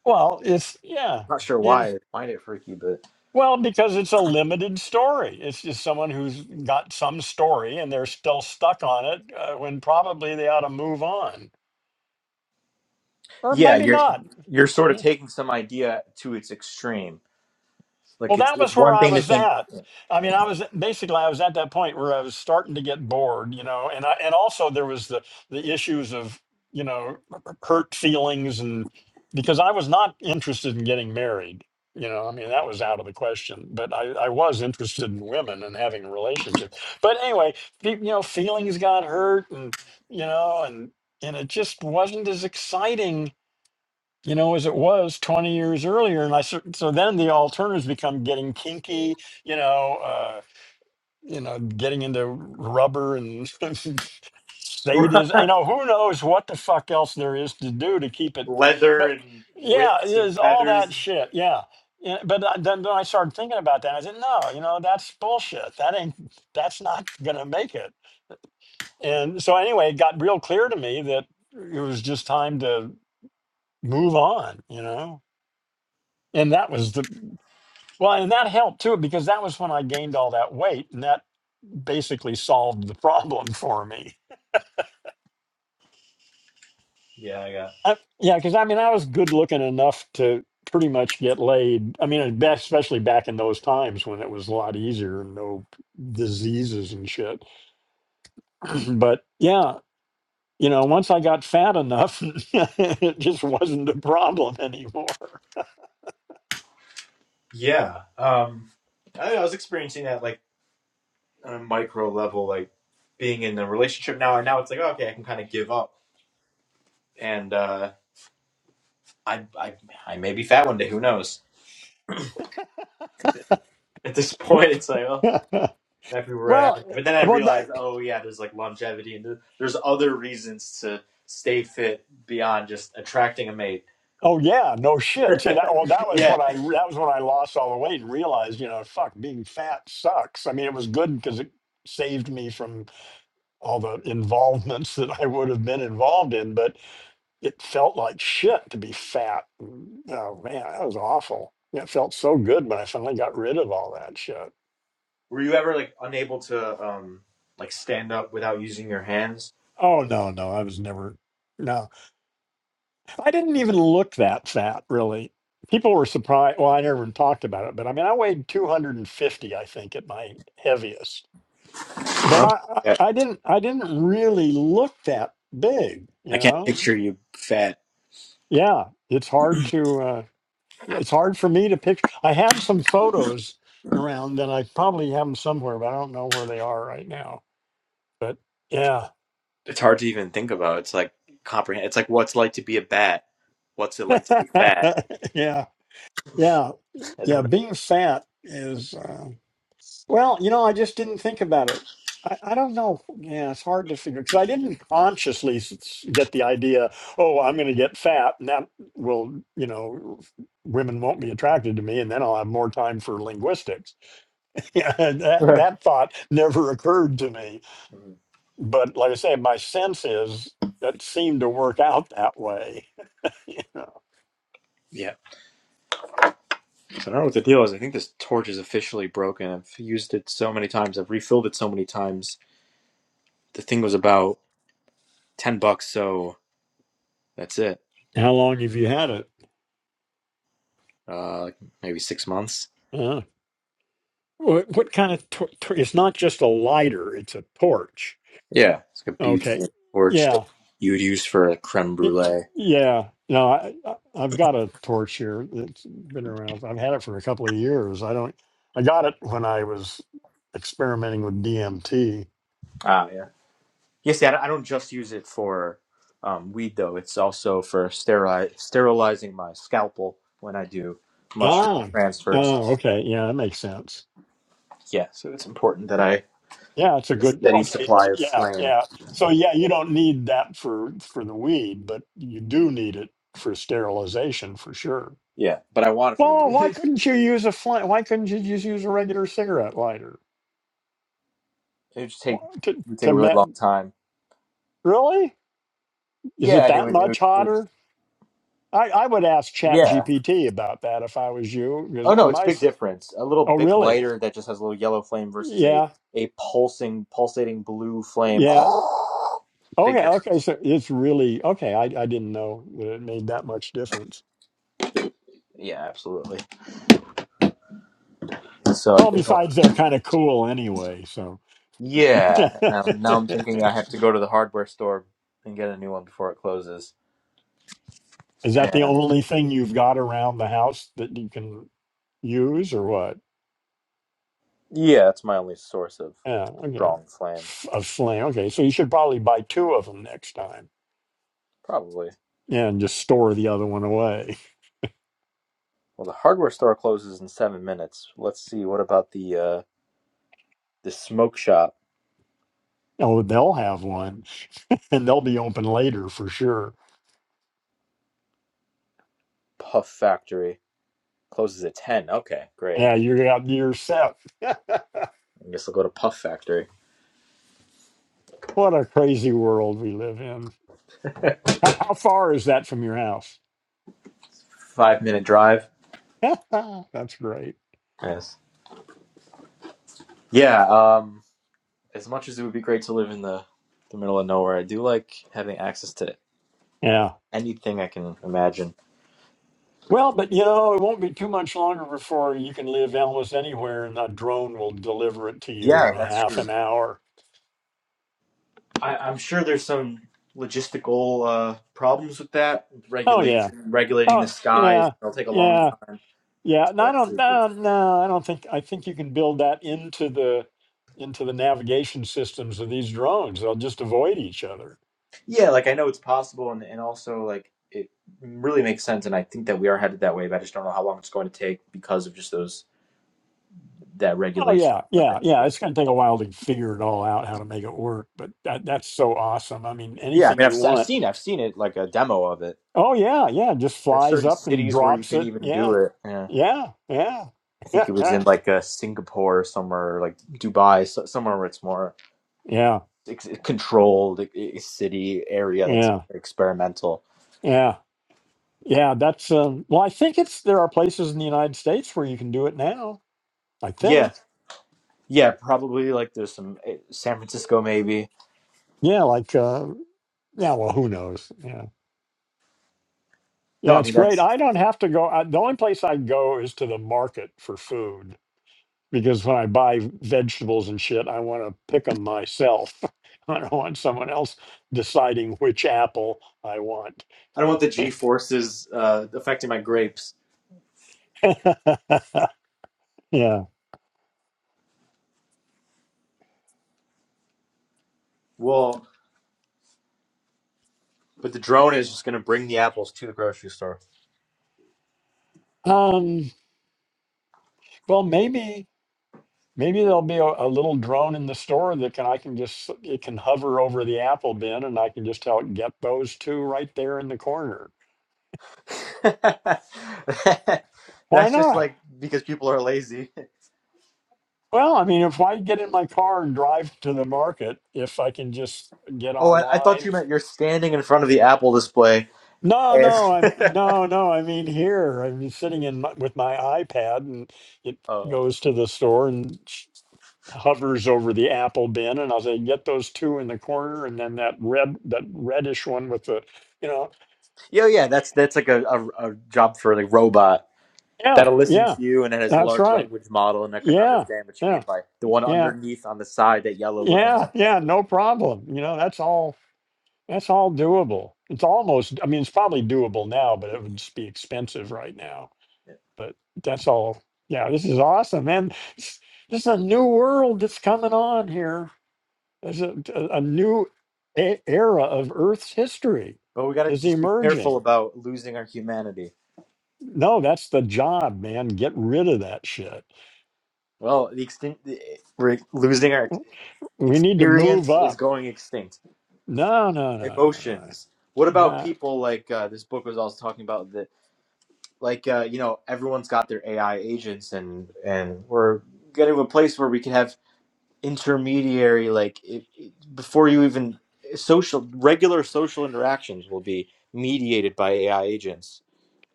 Well, it's yeah.
not sure
Y-
why I find it freaky, but
well, because it's a limited story. It's just someone who's got some story and they're still stuck on it uh, when probably they ought to move on, or
yeah,
maybe
you're
not.
you're sort
Yeah.
of taking some idea to its extreme.
Well,
Like it's
that
it's
was where
one
I
thing to
was
think.
at. I mean, I was basically I was at that point where I was starting to get bored, you know, and I and also there was the the issues of you know hurt feelings and because I was not interested in getting married, you know, I mean that was out of the question. But I I was interested in women and having relationships. But anyway, fe- you know, feelings got hurt and you know and and it just wasn't as exciting you know, as it was 20 years earlier. And I cer- so then the alternatives become getting kinky, you know, uh, you know, getting into rubber and sadism. You know, who knows what the fuck else there is to do to keep it.
leather
But
and
yeah, it
whips and
is all
feathers.
that shit. Yeah. Yeah, But I- then, then I started thinking about that. I said, no, you know, that's bullshit. That ain't, that's not going to make it. And so anyway, it got real clear to me that it was just time to move on, you know? and that was the well and that helped too because that was when i gained all that weight and that basically solved the problem for me
Yeah, I got.
I, yeah because i mean i was good looking enough to pretty much get laid i mean and ba- especially back in those times when it was a lot easier and no diseases and shit but yeah you know once i got fat enough it just wasn't a problem anymore
Yeah. Um, I, don't know, I was experiencing that like on a micro level, like being in a relationship now, and now it's like, oh, okay, I can kind of give up, and uh, I, I, I may be fat one day. Who knows? At this point, it's like, oh, happy where I
well,
am. But then I
well,
realized, oh yeah, there's like longevity, and there- there's other reasons to stay fit beyond just attracting a mate.
Oh yeah, no shit. See that? Well, that was
yeah,
when I that was when I lost all the weight and realized, you know, fuck, being fat sucks. I mean, it was good because it saved me from all the involvements that I would have been involved in, but it felt like shit to be fat. Mm, Oh man, that was awful. Yeah, It felt so good when I finally got rid of all that shit.
Were you ever like unable to um like stand up without using your hands?
Oh no, no, I was never. no. I didn't even look that fat, really. People were surprised. Well, I never even talked about it, but I mean, I weighed 250, I think, at my heaviest. But
Oh,
I, I
Yeah.
I didn't, I didn't really look that big,
I
you
can't
know.
picture you fat.
Yeah, it's hard to, uh, yeah, it's hard for me to picture. I had some photos around that I probably have them somewhere, but I don't know where they are right now. But yeah,
It's hard to even think about. It's like comprehend. It's like what's like to be a bat. What's it like to be fat?
yeah, yeah,
I
yeah.
don't
Being fat is. Uh, Well, you know, I just didn't think about it. I, I don't know. Yeah, it's hard to figure because I didn't consciously s- s- get the idea, oh, I'm going to get fat and that will, you know, women won't be attracted to me and then I'll have more time for linguistics. Yeah, and that,
know.
that thought never occurred to me. But like I say, my sense is that seemed to work out that way. You know.
yeah. So I don't know what the deal is. I think this torch is officially broken. I've used it so many times. I've refilled it so many times. The thing was about ten bucks, so that's it.
How long have you had it?
Uh, like maybe six months.
Uh, what, what kind of, tor- tor- it's not just a lighter, it's a torch.
Yeah, it's like a
Okay.
beautiful torch that
Yeah.
you would use for a creme
Y-
brulee.
Yeah, no, I, I- I've got a torch here. that has been around. I've had it for a couple of years. I don't. I got it when I was experimenting with DMT.
Ah, yeah. Yes, yeah, see, I don't I don't just use it for um, weed though. It's also for sterili- sterilizing my scalpel when I do mushroom
Ah, oh,
transfers.
okay. Yeah, that makes sense.
Yeah, so it's important that I
Yeah, it's a
a
good. no,
steady
Okay,
supply
oh,
of
yeah,
flame.
yeah. So yeah, you don't need that for for the weed, but you do need it for sterilization for sure.
Yeah, but I want it for the
Well,
weed.
why
it
couldn't you use a flame? Why couldn't you just use a regular cigarette lighter
would just
Why-
take
to
it would take
to
a really
met?
long time.
Really? Is it
Yeah, and it
that
would, it
much
would, it would
hotter? I, I would ask
yeah.
ChatGPT about that if I was you, because
Oh no, it's a
my
big
s-
difference. A little
oh
bic
really?
lighter that just has a little yellow flame versus a
Yeah,
a pulsing pulsating blue flame.
yeah.
big
Okay, okay.
difference.
So it's really okay. I I didn't know that it made that much difference.
Yeah, absolutely. So I
Well,
think
besides they're kind of cool anyway. So
Yeah.
is
Now, now I'm thinking I have to go to the hardware store and get a new one before it closes.
that the
And
only thing you've got around the house that you can use, or what?
yeah, that's my only source of
Yeah. Okay.
strong flame.
F- A flame. Okay. So you should probably buy two of them next time
Probably.
and just store the other one away.
Well, the hardware store closes in seven minutes. Let's see. What about the uh, the smoke shop?
Oh, they'll have one, and they'll be open later for sure.
Puff Factory closes at ten. Okay, great.
Yeah, you're out you're set.
I guess I'll go to Puff Factory.
what a crazy world we live in. How, how far is that from your house?
Five minute drive.
That's great.
Yes. Yeah. Um. As much as it would be great to live in the the middle of nowhere, I do like having access to
Yeah.
anything I can imagine
Well, but you know, it won't be too much longer before you can live almost anywhere, and a drone will deliver it to you
Yeah,
in a
that's
half
true.
an hour.
I, I'm sure there's some logistical uh, problems with that with
Oh yeah.
regulation, regulating
Oh
the
yeah.
skies. It'll take a long
Yeah.
time
Yeah, no,
to
I don't.
actually do
No,
that.
no, I don't think. I think you can build that into the into the navigation systems of these drones. They'll just avoid each other.
Yeah, like I know it's possible, and and also like it really makes sense, and I think that we are headed that way. But I just don't know how long it's going to take because of just those that
Oh
regulation.
yeah,
stuff that-
yeah, yeah.
Yeah,
It's going to take a while to figure it all out how to make it work, but that that's so awesome. I mean,
Yeah, I
anything
mean, I've
you
s- I've
want.
seen I've seen it like a demo of it.
Oh yeah, yeah. Just
There's
flies
certain
up and
cities where you
drops
can
it.
even do
Yeah,
it. Yeah.
yeah, yeah,
I
yeah,
think it was in like uh, Singapore or somewhere, like Dubai, so, somewhere where it's more
yeah,
ex- controlled e- e-, city area that's
yeah,
experimental.
yeah. Yeah, that's um, well. I think it's there are places in the United States where you can do it now. I
Yeah,
think.
yeah, probably like there's some eh, San Francisco maybe.
Yeah, like uh, Yeah, well, who knows? Yeah.
No,
Yeah,
I
it's
mean
great.
that's
I don't have to go. I, the only place I go is to the market for food because when I buy vegetables and shit, I want to pick them myself. I don't want someone else deciding which apple I want.
I don't want the G forces uh, affecting my grapes.
yeah.
Well, but the drone is just gonna bring the apples to the grocery store.
Um, well, maybe maybe there'll be a, a little drone in the store that can I can just it can hover over the apple bin and I can just tell it get those two right there in the corner. Why
that's just
not?
like because people are lazy.
Well, I mean, if I get in my car and drive to the market, if I can just get
Oh, I, I thought
online.
you meant you're standing in front of the Apple display.
No,
And
no, I'm no, no. I mean, here I'm sitting in my, with my iPad, and it
oh,
goes to the store and sh- hovers over the apple bin, and I'll say, "Get those two in the corner," and then that red, that reddish one with the, you know,
yeah, yeah, that's that's like a, a, a job for like robot
yeah,
that'll listen
yeah,
to you and it has a
that's
large
right,
language model and I can
yeah,
understand what you
yeah,
mean by the one
yeah,
underneath on the side, that yellow looking
yeah,
one.
yeah. No problem. You know, that's all That's all doable. It's almost, I mean, it's probably doable now, but it would just be expensive right now. But that's all. Yeah, this is awesome, man. This this is a new world that's coming on here. There's a, a, a new e- era of Earth's history
But we got to
is
just be careful
emerging.
about losing our humanity.
No, that's the job, man. Get rid of that shit.
Well, the extin- the- we're losing our
W- We need to move
experience is
up.
going extinct.
No, no, no, no,
Emotions. What
no.
about
Nah.
people like uh, this book was also talking about that, like uh, you know, everyone's got their AI agents, and and we're getting to a place where we can have intermediary like it, it- before you even social regular social interactions will be mediated by AI agents.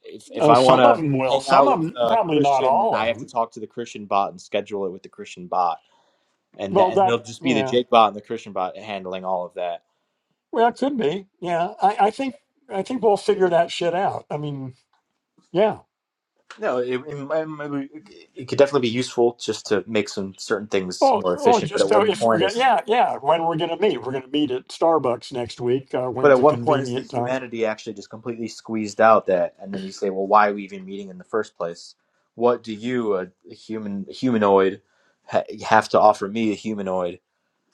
If if
Uh,
I
some
want
of
to
them will.
hang
Some
out
of
with
them,
a
probably not
Christian, then
all
I
of
have to
them.
talk to the Christian bot and schedule it with the Christian bot, and that,
Well,
and it'll
that,
just be the
yeah.
Jake bot and the Christian bot handling all of that.
Well, it could be. Yeah, I, I think I think we'll figure that shit out. I mean, yeah.
No, it, it, might- it could definitely be useful just to make some certain things
Oh,
more
oh,
efficient. But at
just so
one
if we're
point,
gonna,
as
yeah, yeah. When we're gonna meet? We're gonna meet at Starbucks next week. Uh,
But
when's
at
a
one point, is the
convenient time?
humanity actually just completely squeezed out that? And then you say, well, why are we even meeting in the first place? What do you, a a human a humanoid, ha- have to offer me, a humanoid?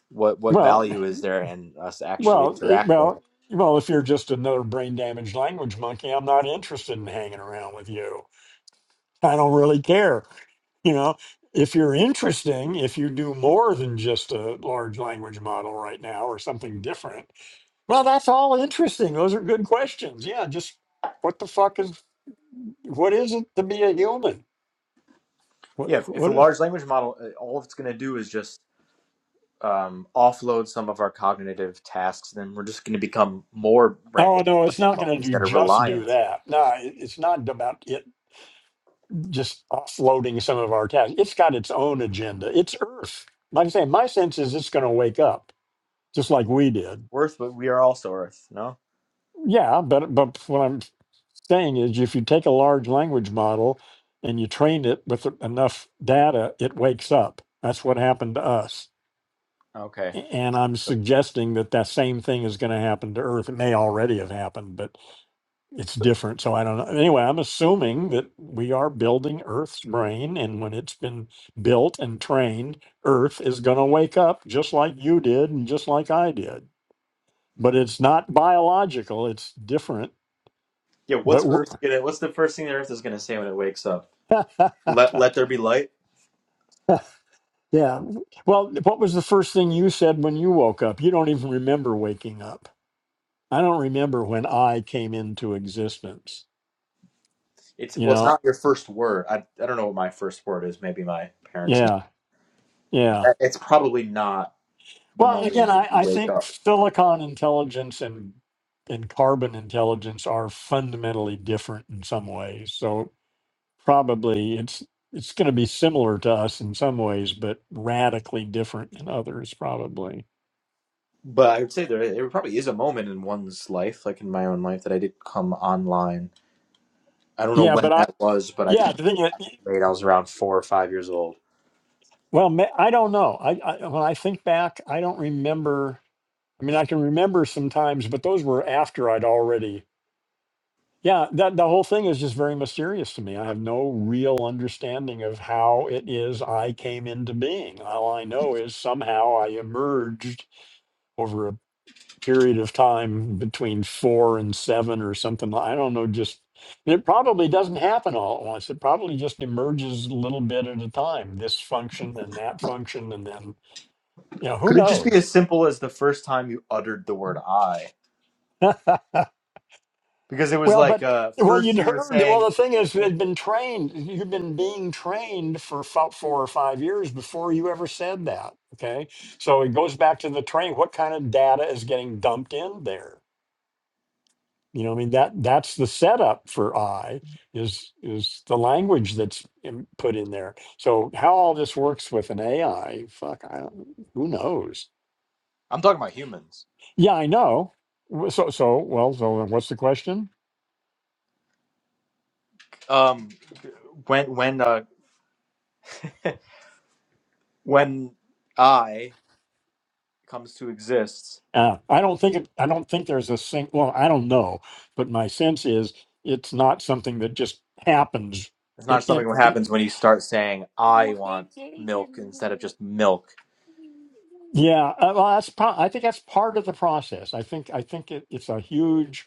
What what
Well,
value is there in us actually
well, eh,
interacting?
well, well. If you're just another brain damaged language monkey, I'm not interested in hanging around with you. I don't really care. You know, if you're interesting, if you do more than just a large language model right now or something different. Well, that's all interesting. Those are good questions. Yeah, just what the fuck is what is it to be a human? What
Yeah, if, if the
what? i-
large language model, uh, all it's going to do is just um, offload some of our cognitive tasks, then we're just going to become more brain
Oh
dead
no,
like
it's not going to
monkeys
do
that are
just do
reliant.
that. No, it- it's not about it just offloading some of our tasks. It's got its own agenda. It's Earth. Like I say, my sense is it's going to wake up just like we did.
Worth, but we are also Earth. No.
Yeah, but but what I'm saying is, if you take a large language model and you train it with enough data, it wakes up. That's what happened to us
Okay.
And I'm suggesting that that same thing is going to happen to Earth. It may already have happened, but it's different. So I don't know. Anyway, I'm assuming that we are building Earth's brain. And when it's been built and trained, Earth is going to wake up just like you did and just like I did. But it's not biological, it's different.
Yeah,
But
what's Earth
we're-
gonna? What's the first thing that Earth is gonna say when it wakes up? Let Let there be light.
yeah. Well, what was the first thing you said when you woke up? You don't even remember waking up. I don't remember when I came into existence.
It's
You
well, it's
know,
not your first word. I I don't know what my first word is. Maybe my parents know.
yeah, yeah.
That- It's probably not the
Well, again,
moment you
I, I
wake
think
up.
silicon intelligence and and carbon intelligence are fundamentally different in some ways. So probably it's it's going to be similar to us in some ways, but radically different in others, probably.
But I would say there there probably is a moment in one's life, like in my own life, that I did come online. I don't know
Yeah,
when
but I
that was, but I
yeah
can
the thing that
relate. I was around four or five years old.
well ma- I don't know. I, I when I think back, I don't remember. I mean, I can remember some times, but those were after I'd already Yeah, that the whole thing is just very mysterious to me. I have no real understanding of how it is I came into being. All I know is somehow I emerged over a period of time between four and seven or something. li- I don't know, just it probably doesn't happen all at once. It probably just emerges a little bit at a time, this function and that function, and then you know, who
Could it just be
knows?
as simple as the first time you uttered the word "I"? Because it was
Well,
like
but
uh,
well, you'd
first you were
heard.
saying,
Well, the thing is, you had been trained. You've been being trained for fo- four or five years before you ever said that. Okay, so it goes back to the train. What kind of data is getting dumped in there? You know, I mean that that's the setup for I is is the language that's in- put in there. So how all this works with an AI? Fuck, I don't, who knows?
"I'm talking about humans."
Yeah, I know. W- So so well, so what's the question?
um when when uh when I comes to exist,
Uh, I don't think it, I don't think there's a sing. Well, I don't know, but my sense is it's not something that just happens.
it's
It,
not something
it,
that
it-
happens when you start saying I want milk instead of just milk.
yeah, uh, well, that's. Pro- I think that's part of the process. I think I think it, it's a huge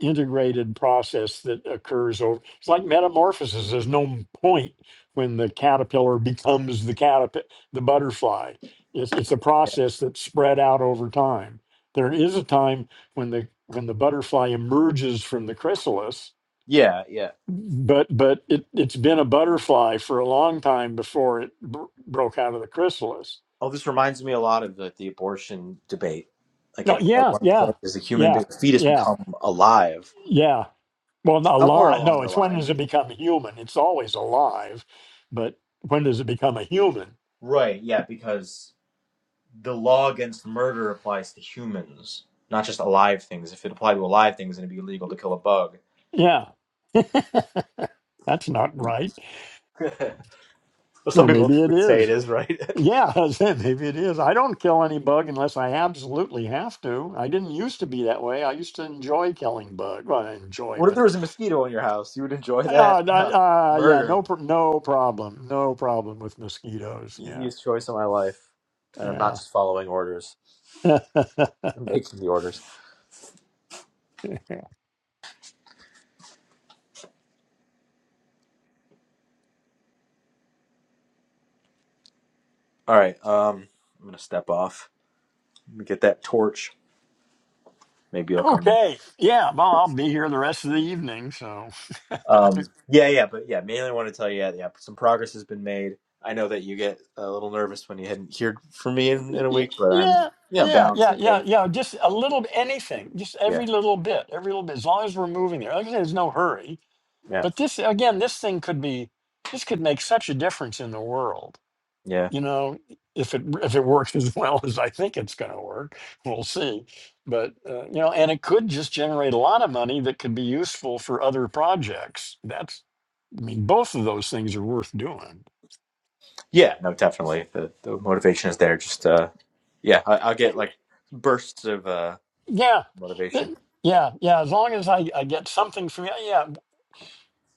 integrated process that occurs over it's like metamorphosis there's no point when the caterpillar becomes the caterpillar the butterfly it's, it's a process that's spread out over time there is a time when the when the butterfly emerges from the chrysalis
Yeah, yeah.
but but it, it's been a butterfly for a long time before it br- broke out of the chrysalis
Oh, this reminds me a lot of the, the abortion debate. Like
no
at, at
yeah
one
yeah
point, does the human
yeah
be- fetus
yeah
become alive?
yeah Well, not a
Somewhere along
No,
the
it's when does
line.
it become human? It's always alive, but when does it become a human?
Right. Yeah, because the law against murder applies to humans, not just alive things. If it applied to alive things, then it'd be illegal to kill a bug.
Yeah, that's not right.
Well, some
Or
people
maybe it
would say
is.
it is, right?
Yeah, I said maybe it is. I don't kill any bug unless I absolutely have to. I didn't used to be that way. I used to enjoy killing bug. Well, I enjoy,
What if
but
there was a mosquito in your house? You would enjoy that?
uh, that-
Huh.
uh, yeah,
Murder.
no, pr- no problem, no problem with mosquitoes. Yeah,
Easiest choice of my life. And I'm not
yeah.
just following orders. I'm making the orders. All right. Um, I'm gonna step off. Let me get that torch. Maybe it'll come back.
okay, yeah. Well, I'll be here the rest of the evening, so.
Um, yeah, yeah, but yeah, mainly want to tell you, yeah, yeah, some progress has been made. I know that you get a little nervous when you hadn't heard from me in, in a
Y-
week, but I'm,
Yeah,
yeah,
yeah, yeah,
balancing
yeah,
things.
yeah. Just a little bit, anything, just
Yeah,
every little bit, every little bit, as long as we're moving there. Like I said, there's no hurry.
yeah,
But this, again, this thing could be, this could make such a difference in the world.
yeah.
You know, if it if it works as well as I think it's going to work, we'll see. But uh, you know, and it could just generate a lot of money that could be useful for other projects. That's, I mean, both of those things are worth doing.
Yeah, no, definitely. The the motivation is there. Just uh, yeah, I, I'll get like bursts of uh
Yeah,
motivation.
th- yeah, yeah. As long as I, I get something from you, yeah,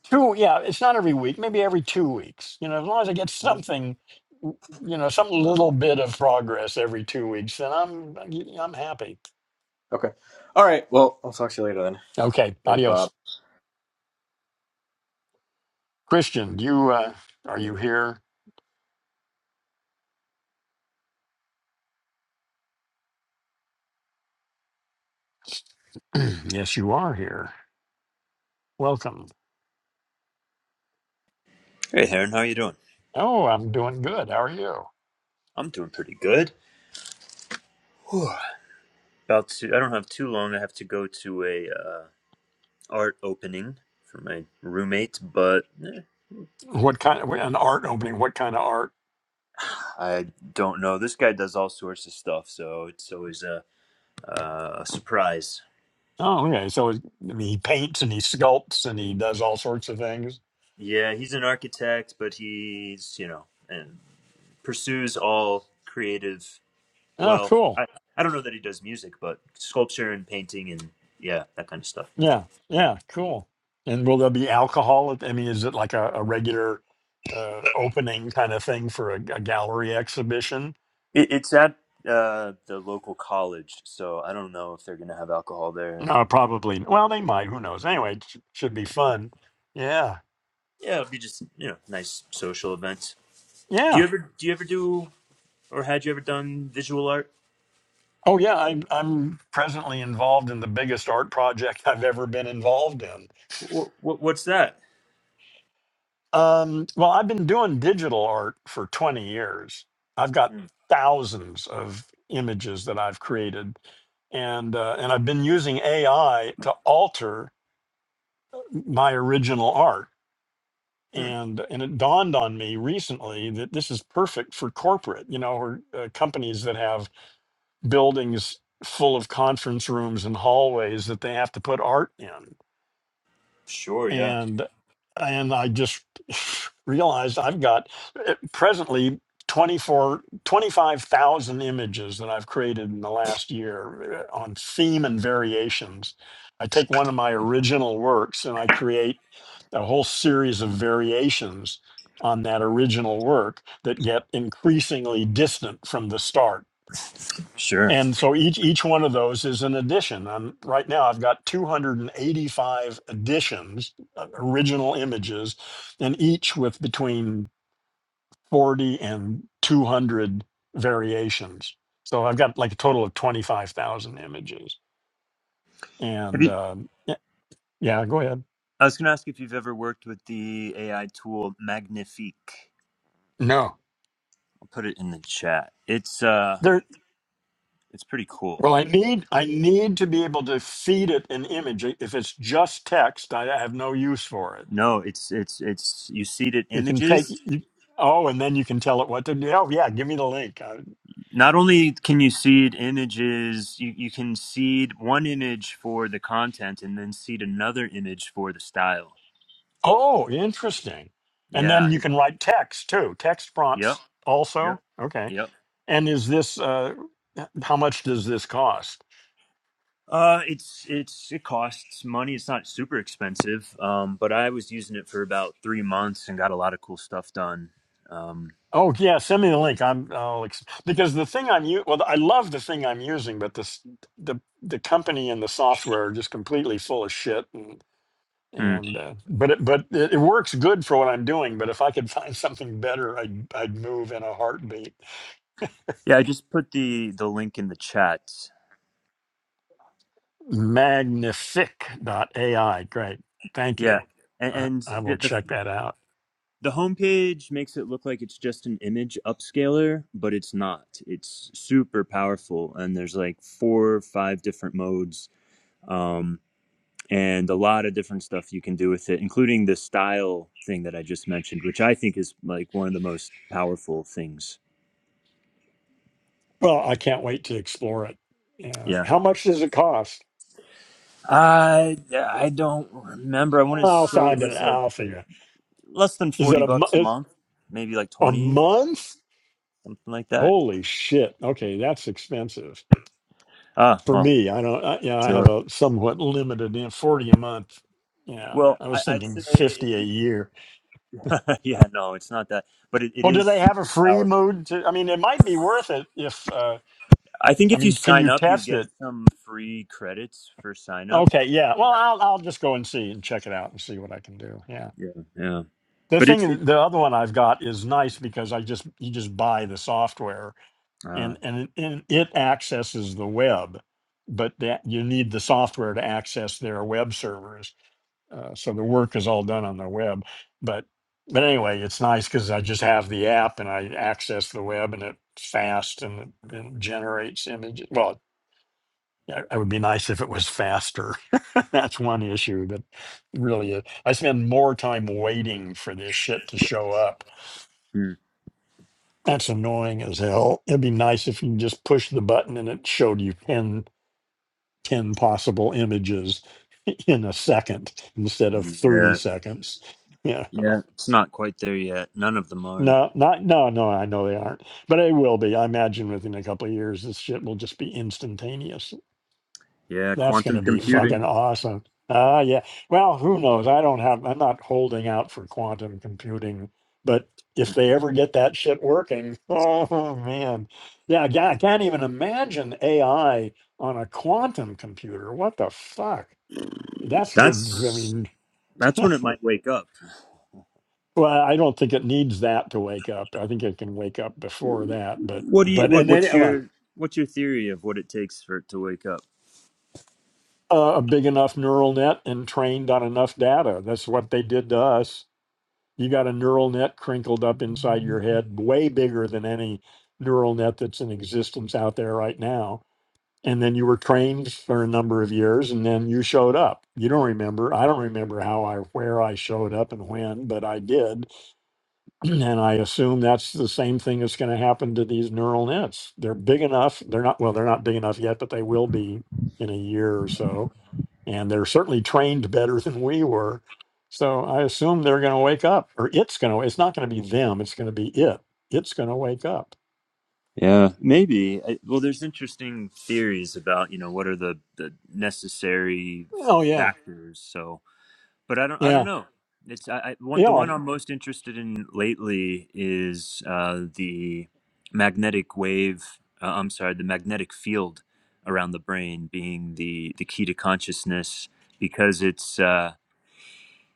two, yeah. It's not every week, maybe every two weeks. You know, as long as I get
hmm
something, w- you know, some little bit of progress every two weeks, then I'm I'm happy.
Okay. All right. Well, I'll talk to you later then.
Okay,
There's Bob.
adios, Christian. You uh, are you here? yes, you are here. Welcome.
Hey, Heron, how you doing?
Oh, I'm doing good. How are you?
I'm doing pretty good. Whew. About to, I don't have too long. I have to go to a uh, art opening for my roommate, but eh,
What kind of an art opening? What kind of art?
I don't know. This guy does all sorts of stuff, so it's always a, uh, a surprise.
Oh, okay. So I mean, he paints and he sculpts and he does all sorts of things.
Yeah, he's an architect, but he's you know and pursues all creative.
Oh,
Well,
cool.
I I don't know that he does music, but sculpture and painting and yeah, that kind of stuff.
Yeah, yeah, cool. And will there be alcohol? at- I mean, is it like a, a regular uh, opening kind of thing for a, a gallery exhibition?
It, it's at uh, the local college, so I don't know if they're gonna have alcohol there.
No, probably. Well, they might. Who knows? Anyway, it sh- should be fun. Yeah,
Yeah, it'll be just you know nice social event. Do
yeah.
you ever do you ever do or had you ever done visual art?
Oh, yeah. I'm I'm presently involved in the biggest art project I've ever been involved in.
What, what what's that?
Um, well, I've been doing digital art for 20 years. I've got
Hmm.
thousands of images that I've created, and uh, and I've been using AI to alter my original art.
Hmm.
And and it dawned on me recently that this is perfect for corporate, you know, or uh, companies that have buildings full of conference rooms and hallways that they have to put art in.
Sure, yeah,
and and I just realized I've got eh, presently 24, 25,000 images that I've created in the last year eh, on theme and variations. I take one of my original works and I create a whole series of variations on that original work that get increasingly distant from the start
sure.
and so each each one of those is an addition. And right now I've got 285 additions, uh, original images, and each with between 40 and 200 variations. So I've got like a total of 25,000 images.
Have
And
you?
um, y- yeah, go ahead.
I was gonna ask if you've ever worked with the AI tool Magnifique.
No.
I'll put it in the chat. It's uh,
There
it's pretty
well
cool.
I need I need to be able to feed it an image. If it's just text, I I have no use for it
No, it's it's it's you seed it
You can take
images
you. Oh, and then you can tell it what to do. Oh, yeah, give me the link. Uh,
not only can you seed images, you, you can seed one image for the content and then seed another image for the style.
oh, interesting. And
Yeah.
then you
it-
can write text too. Text
Yep.
prompts
Yep.
also. Okay.
Yep.
And is this? Uh, h- how much does this cost?
Uh, it's it's it costs money. It's not super expensive. Um, but I was using it for about three months and got a lot of cool stuff done. Um,
Oh yeah, send me the link. I'm I'll ex- because the thing I'm u- well, I love the thing I'm using, but this the the company and the software are just completely full of shit. And,
hmm.
and uh, but it but it, it works good for what I'm doing. But if I could find something better, I'd I'd move in a heartbeat.
yeah, I just put the the link in the chat.
Magnific AI, Great. Thank
Yeah,
you.
and,
I,
and
I
the,
will
the
check that out.
The homepage makes it look like it's just an image upscaler, but it's not. It's super powerful, and there's like four or five different modes, um, and a lot of different stuff you can do with it, including the style thing that I just mentioned, which I think is like one of the most powerful things.
Well, I can't wait to explore it. Yeah.
Yeah,
How much does it cost?
I I don't remember. I want to
I'll
say it
find it.
was like
I'll figure.
less than
it. Is
forty
it a mo-
bucks a
is-
month, maybe like
a
twenty,
month?
something like that.
Holy shit! Okay, that's expensive
Ah,
for
well,
me. I don't. I, yeah, I
sure.
have a somewhat limited in forty a month. Yeah,
Well,
I was
I, I'd
thinking
say if
fifty a year.
yeah, no, it's not that, but it, it
Well, do
is
they have a
super
free
powerful.
mode? To, I mean, it might be worth it if. Uh,
I think
I
if you
mean, can
sign
you
up, you
test it?
get some free credits for sign up.
Okay, yeah. Well, I'll I'll just go and see and check it out and see what I can do. Yeah.
Yeah, yeah,
The
but it's it.
thing, the other one I've got is nice because I just you just buy the software
Uh,
and and it, and it accesses the web, but that you need the software to access their web servers. Uh, so the work is all done on the web, but but anyway, it's nice because I just have the app and I access the web and it's fast and it, and generates images. Well, yeah, it would be nice if it was faster. That's one issue, but really, uh, I spend more time waiting for this shit to show up.
hmm,
That's annoying as hell. It'd be nice if you just push the button and it showed you 10, 10 possible images in a second instead of 30
yeah,
seconds. Yeah.
yeah, it's not quite there yet. None of them are.
No, not, no, no, I know they aren't, but it will be. I imagine within a couple of years, this shit will just be instantaneous.
Yeah,
That's going
quantum
to be fucking
computing.
awesome. Ah, yeah. Well, who knows? I don't have, I'm not holding out for quantum computing, but if they ever get that shit working, oh man. Yeah, yeah, I can't even imagine AI on a quantum computer. What the fuck? That's good. I
That's
mean,
that's when it might wake up.
well, I don't think it needs that to wake up. I think it can wake up before that, but,
What do you?
but,
What,
and then
what's
uh,
your What's your theory of what it takes for it to wake up?
a big enough neural net and trained on enough data. That's what they did to us. You got a neural net crinkled up inside your head, way bigger than any neural net that's in existence out there right now. And then you were trained for a number of years and then you showed up. You don't remember. I don't remember how I, where I showed up and when, but I did. And I assume that's the same thing that's going to happen to these neural nets. They're big enough. They're not, well, they're not big enough yet, but they will be in a year or so and they're certainly trained better than we were. So I assume they're going to wake up, or it's going to. It's not going to be them. It's going to be it. It's going to wake up.
Yeah, maybe. I, well, there's interesting theories about you know what are the the necessary f-
Oh yeah,
factors. So, but I don't I don't
yeah,
know. It's I, I one the
yeah,
one I'm most interested in lately is uh, the magnetic wave. Uh, I'm sorry, the magnetic field around the brain being the the key to consciousness because it's. Uh,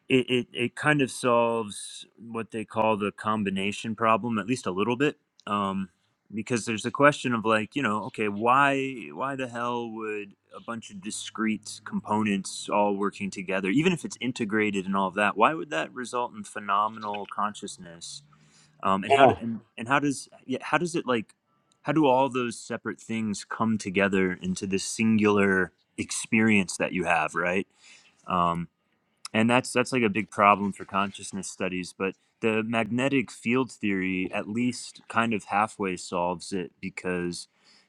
it, it, it kind of solves what they call the combination problem at least a little bit um, because there's a question of like you know okay why why the hell would a bunch of discrete components all working together even if it's integrated and all of that why would that result in phenomenal consciousness um, and how do,
yeah.
and, and how does yeah, how does it like how do all those separate things come together into this singular experience that you have right Um, and that's that's like a big problem for consciousness studies but the magnetic field theory at least kind of halfway solves it because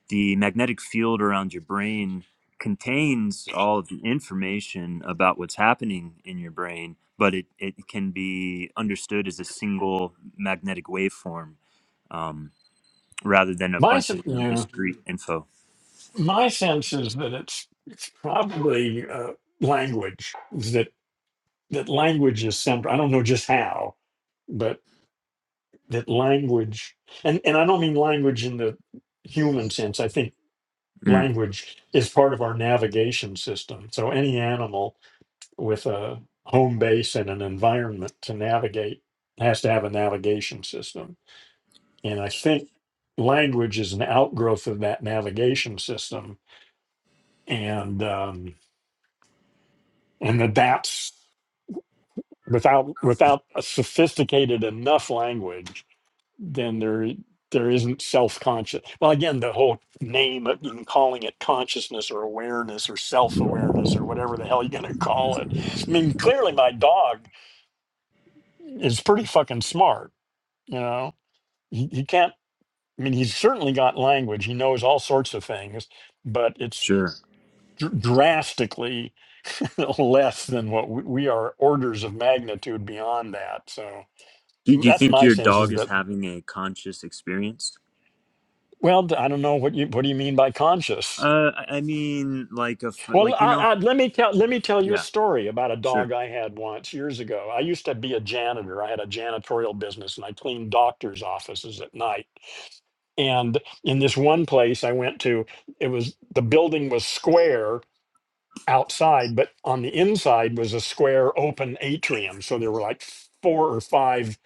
the magnetic field around your brain contains all of the information about what's happening in your brain but it, it can be understood as a single magnetic waveform um, rather than a
My
bunch
s-
of
yeah.
discrete info
my sense is that it's it's probably uh, language is that that language is central. I don't know just how, but that language, and and I don't mean language in the human sense. I think
mm,
language is part of our navigation system. So any animal with a home base and an environment to navigate has to have a navigation system and i think language is an outgrowth of that navigation system and um, and that that's without without a sophisticated enough language then there there isn't self-conscious well again the whole name of even calling it consciousness or awareness or self-awareness or whatever the hell you're going to call it i mean clearly my dog is pretty fucking smart You know, he, he can't, I mean, he's certainly got language. He knows all sorts of things, but it's
sure
dr- drastically less than what we, we are orders of magnitude beyond that. So
do, do you
that's
think
my
your
sense
dog
is
is
that,
having a conscious experience
well, I don't know what you, what do you mean by conscious?
Uh, I I mean, like a f-
Well,
like you
I,
know,
I, let me tell let me tell you a
yeah,
story about a
sure,
dog I had once years ago. I used to be a janitor. I had a janitorial business, and I cleaned doctors' offices at night. And in this one place I went to, it was the building was square outside, but on the inside was a square open atrium. So there were like four or five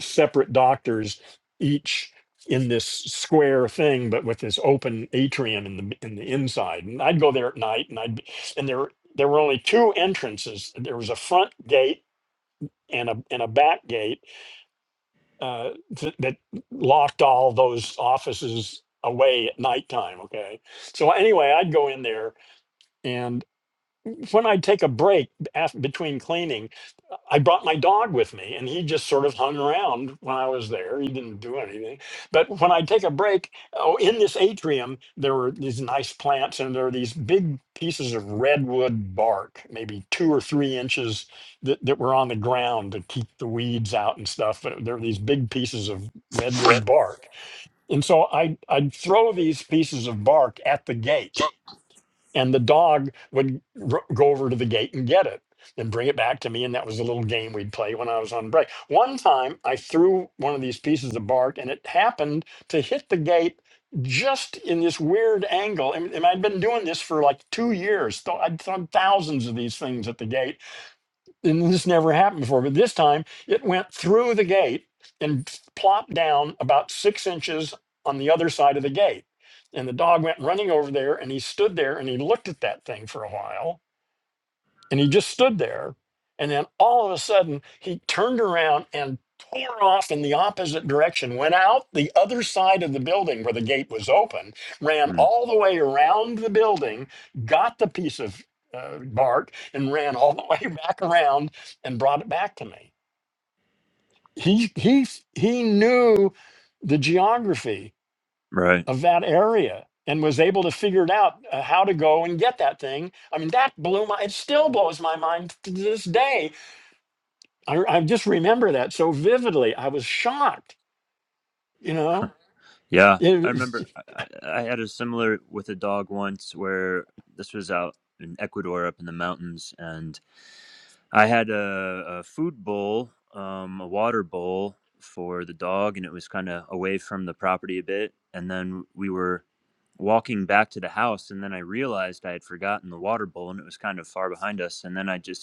separate doctors, each in this square thing, but with this open atrium in the in the inside. And I'd go there at night, and I'd be- and there there were only two entrances. There was a front gate and a and a back gate uh, th- that locked all those offices away at nighttime. Okay. So anyway, I'd go in there, and when I'd take a break af between cleaning. I brought my dog with me and he just sort of hung around when I was there. He didn't do anything. But when I take a break, oh, in this atrium, there were these nice plants and there are these big pieces of redwood bark, maybe two or three inches that, that were on the ground to keep the weeds out and stuff. But there were these big pieces of redwood bark. And so I, I'd throw these pieces of bark at the gate and the dog would r- go over to the gate and get it and bring it back to me and that was a little game we'd play when i was on break one time i threw one of these pieces of bark and it happened to hit the gate just in this weird angle and, and i'd been doing this for like two years so i'd thrown thousands of these things at the gate and this never happened before, but this time it went through the gate and plopped down about six inches on the other side of the gate. And the dog went running over there and he stood there and he looked at that thing for a while and he just stood there. And then all of a sudden, he turned around and tore off in the opposite direction, went out the other side of the building where the gate was open, ran
mm,
all the way around the building, got the piece of uh, bark, and ran all the way back around and brought it back to me. He, he, he knew the geography
right,
of that area and was able to figure it out uh, how to go and get that thing I mean, that blew my, it still blows my mind to this day I, I just remember that so vividly. I was shocked, you know.
yeah.
It
I
was-
remember I, I I had a similar with a dog once where this was out in Ecuador, up in the mountains, and I had a, a food bowl, um, a water bowl for the dog, and it was kind of away from the property a bit, and then we were walking back to the house and then i realized i had forgotten the water bowl and it was kind of far behind us and then i just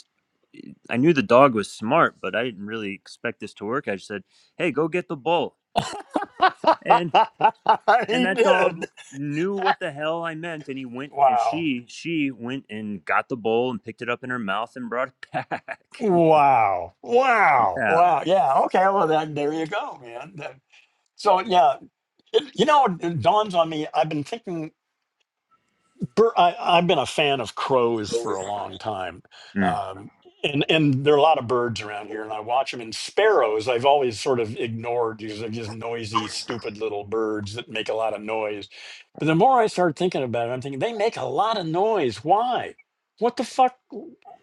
I knew the dog was smart, but I didn't really expect this to work. I just said, "Hey, go get the bowl," and and
he
that dog
did.
knew what the hell I meant, and he went and
Wow.
she she went and got the bowl and picked it up in her mouth and brought it back.
Wow. Wow.
yeah.
Wow. Yeah. Okay. Well, that, there you go, man. That- so, yeah, it, you know, it dawns on me. I've been thinking. Bur- I, I've been a fan of crows for a long time,
Mm,
um, and and there are a lot of birds around here, and I watch them. And sparrows, I've always sort of ignored because they're just noisy, stupid little birds that make a lot of noise. But the more I start thinking about it, I'm thinking they make a lot of noise. Why? What the fuck?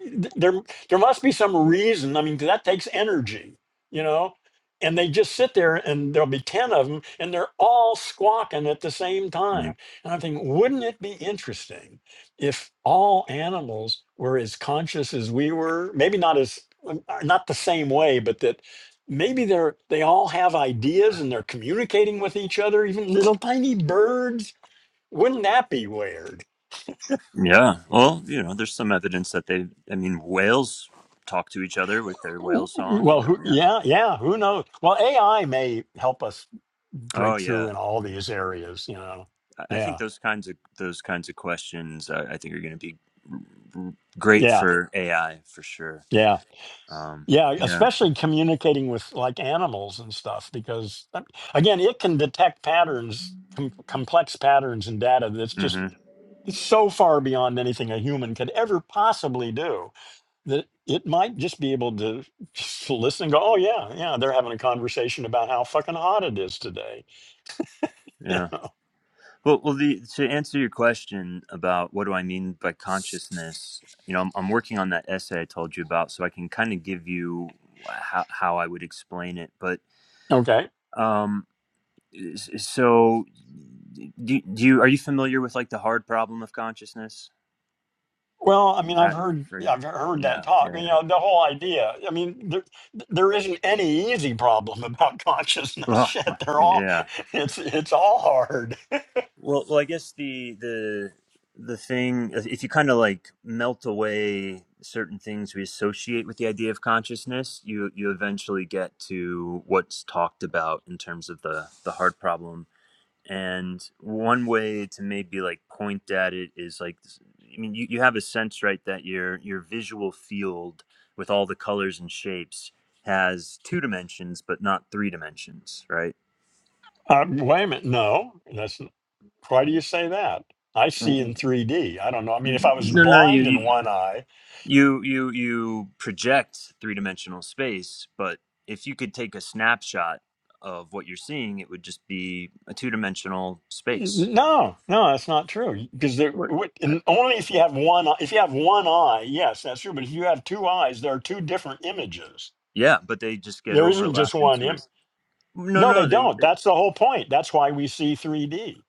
Th- There there must be some reason. I mean, 'cause that takes energy, you know. And they just sit there, and there'll be ten of them, and they're all squawking at the same time
mm.
and I'm thinking, wouldn't it be interesting if all animals were as conscious as we were? Maybe not as um, uh, not the same way, but that maybe they're they all have ideas and they're communicating with each other, even little tiny birds. Wouldn't that be weird?
Yeah. Well, you know, there's some evidence that they. I mean, whales talk to each other with their whale
W-
song. You
Well,
know.
who,
Yeah.
yeah, yeah, who knows? Well, AI may help us
Oh
break
yeah.
through in all these areas, you know.
I
Yeah.
think those kinds of those kinds of questions I, I think are going to be great
Yeah.
for AI for sure.
Yeah.
Um,
Yeah,
yeah.
especially communicating with like animals and stuff, because um, again, it can detect patterns, com- complex patterns and data that's just
hmm
so far beyond anything a human could ever possibly do that it might just be able to just listen and go, oh, yeah, yeah, they're having a conversation about how fucking hot it is today. You
Yeah.
know?
Well, well. The, to answer your question about what do I mean by consciousness, you know, I'm, I'm working on that essay I told you about, so I can kind of give you how how I would explain it. But
Okay.
um, s- so do, do you are you familiar with like the hard problem of consciousness?
Well, I mean, I've
That
heard
phrase.
I've heard that
Yeah.
talk.
Yeah.
You know, the whole idea. I mean, there there isn't any easy problem about consciousness.
Yeah. Ugh,
Shit, they're all
yeah.
it's it's all hard.
Well, well, I guess the the the thing uh, if you kind of like melt away certain things we associate with the idea of consciousness, you you eventually get to what's talked about in terms of the the heart problem. And one way to maybe like point at it is like, I mean, you, you have a sense, right, that your your visual field with all the colors and shapes has two dimensions, but not three dimensions, right?
Uh, wait a minute, no, that's n- why do you say that? I see
W-
in 3D. I don't know. I mean, if
w-
I was
No, no, you,
blind in
you
one eye,
you you you project three-dimensional space but if you could take a snapshot of what you're seeing it would just be a two-dimensional space
n- no, no, that's not true. Because there,
What?
what-
Uh,
and only if you have one, eye- if you have one eye, yes, that's true. But if you have two eyes, there are two different images.
yeah but they just get
There isn't just
overlapped
one
into a.
image.
no
No, they
no they,
don't.
they
That's the whole point. That's why we see 3D.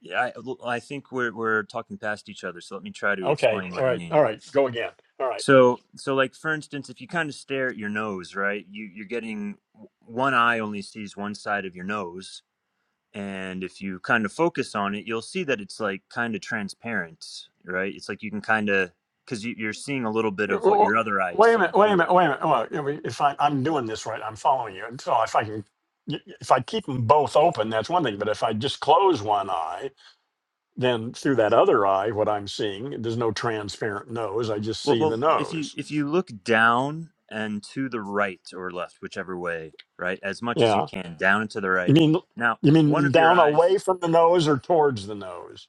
yeah, I think we're we're talking past each other so let me try to
Okay.
explain
All
what i
right.
mean
All right. Go again. All right.
so so like for instance if you kind of stare at your nose right you you're getting one eye only sees one side of your nose and if you kind of focus on it you'll see that it's like kind of transparent right it's like you can kind of because you, you're seeing a little bit
W-
of what
w-
your other eye is
Wait a minute.
seeing
Wait a
through
minute.
it
Wait a minute. Well, you know, if I, I'm doing this right, I'm following you. And so if I can, if I keep them both open, that's one thing. But if I just close one eye, then through that other eye, what I'm seeing, there's no transparent nose. I just
well,
see the
well if you
nose.
if you look down and to the right or left whichever way right as much as you
Yeah.
can down and to the
You
right
mean,
now
you
one
mean
of your
down
eyes
away from the nose or towards the nose?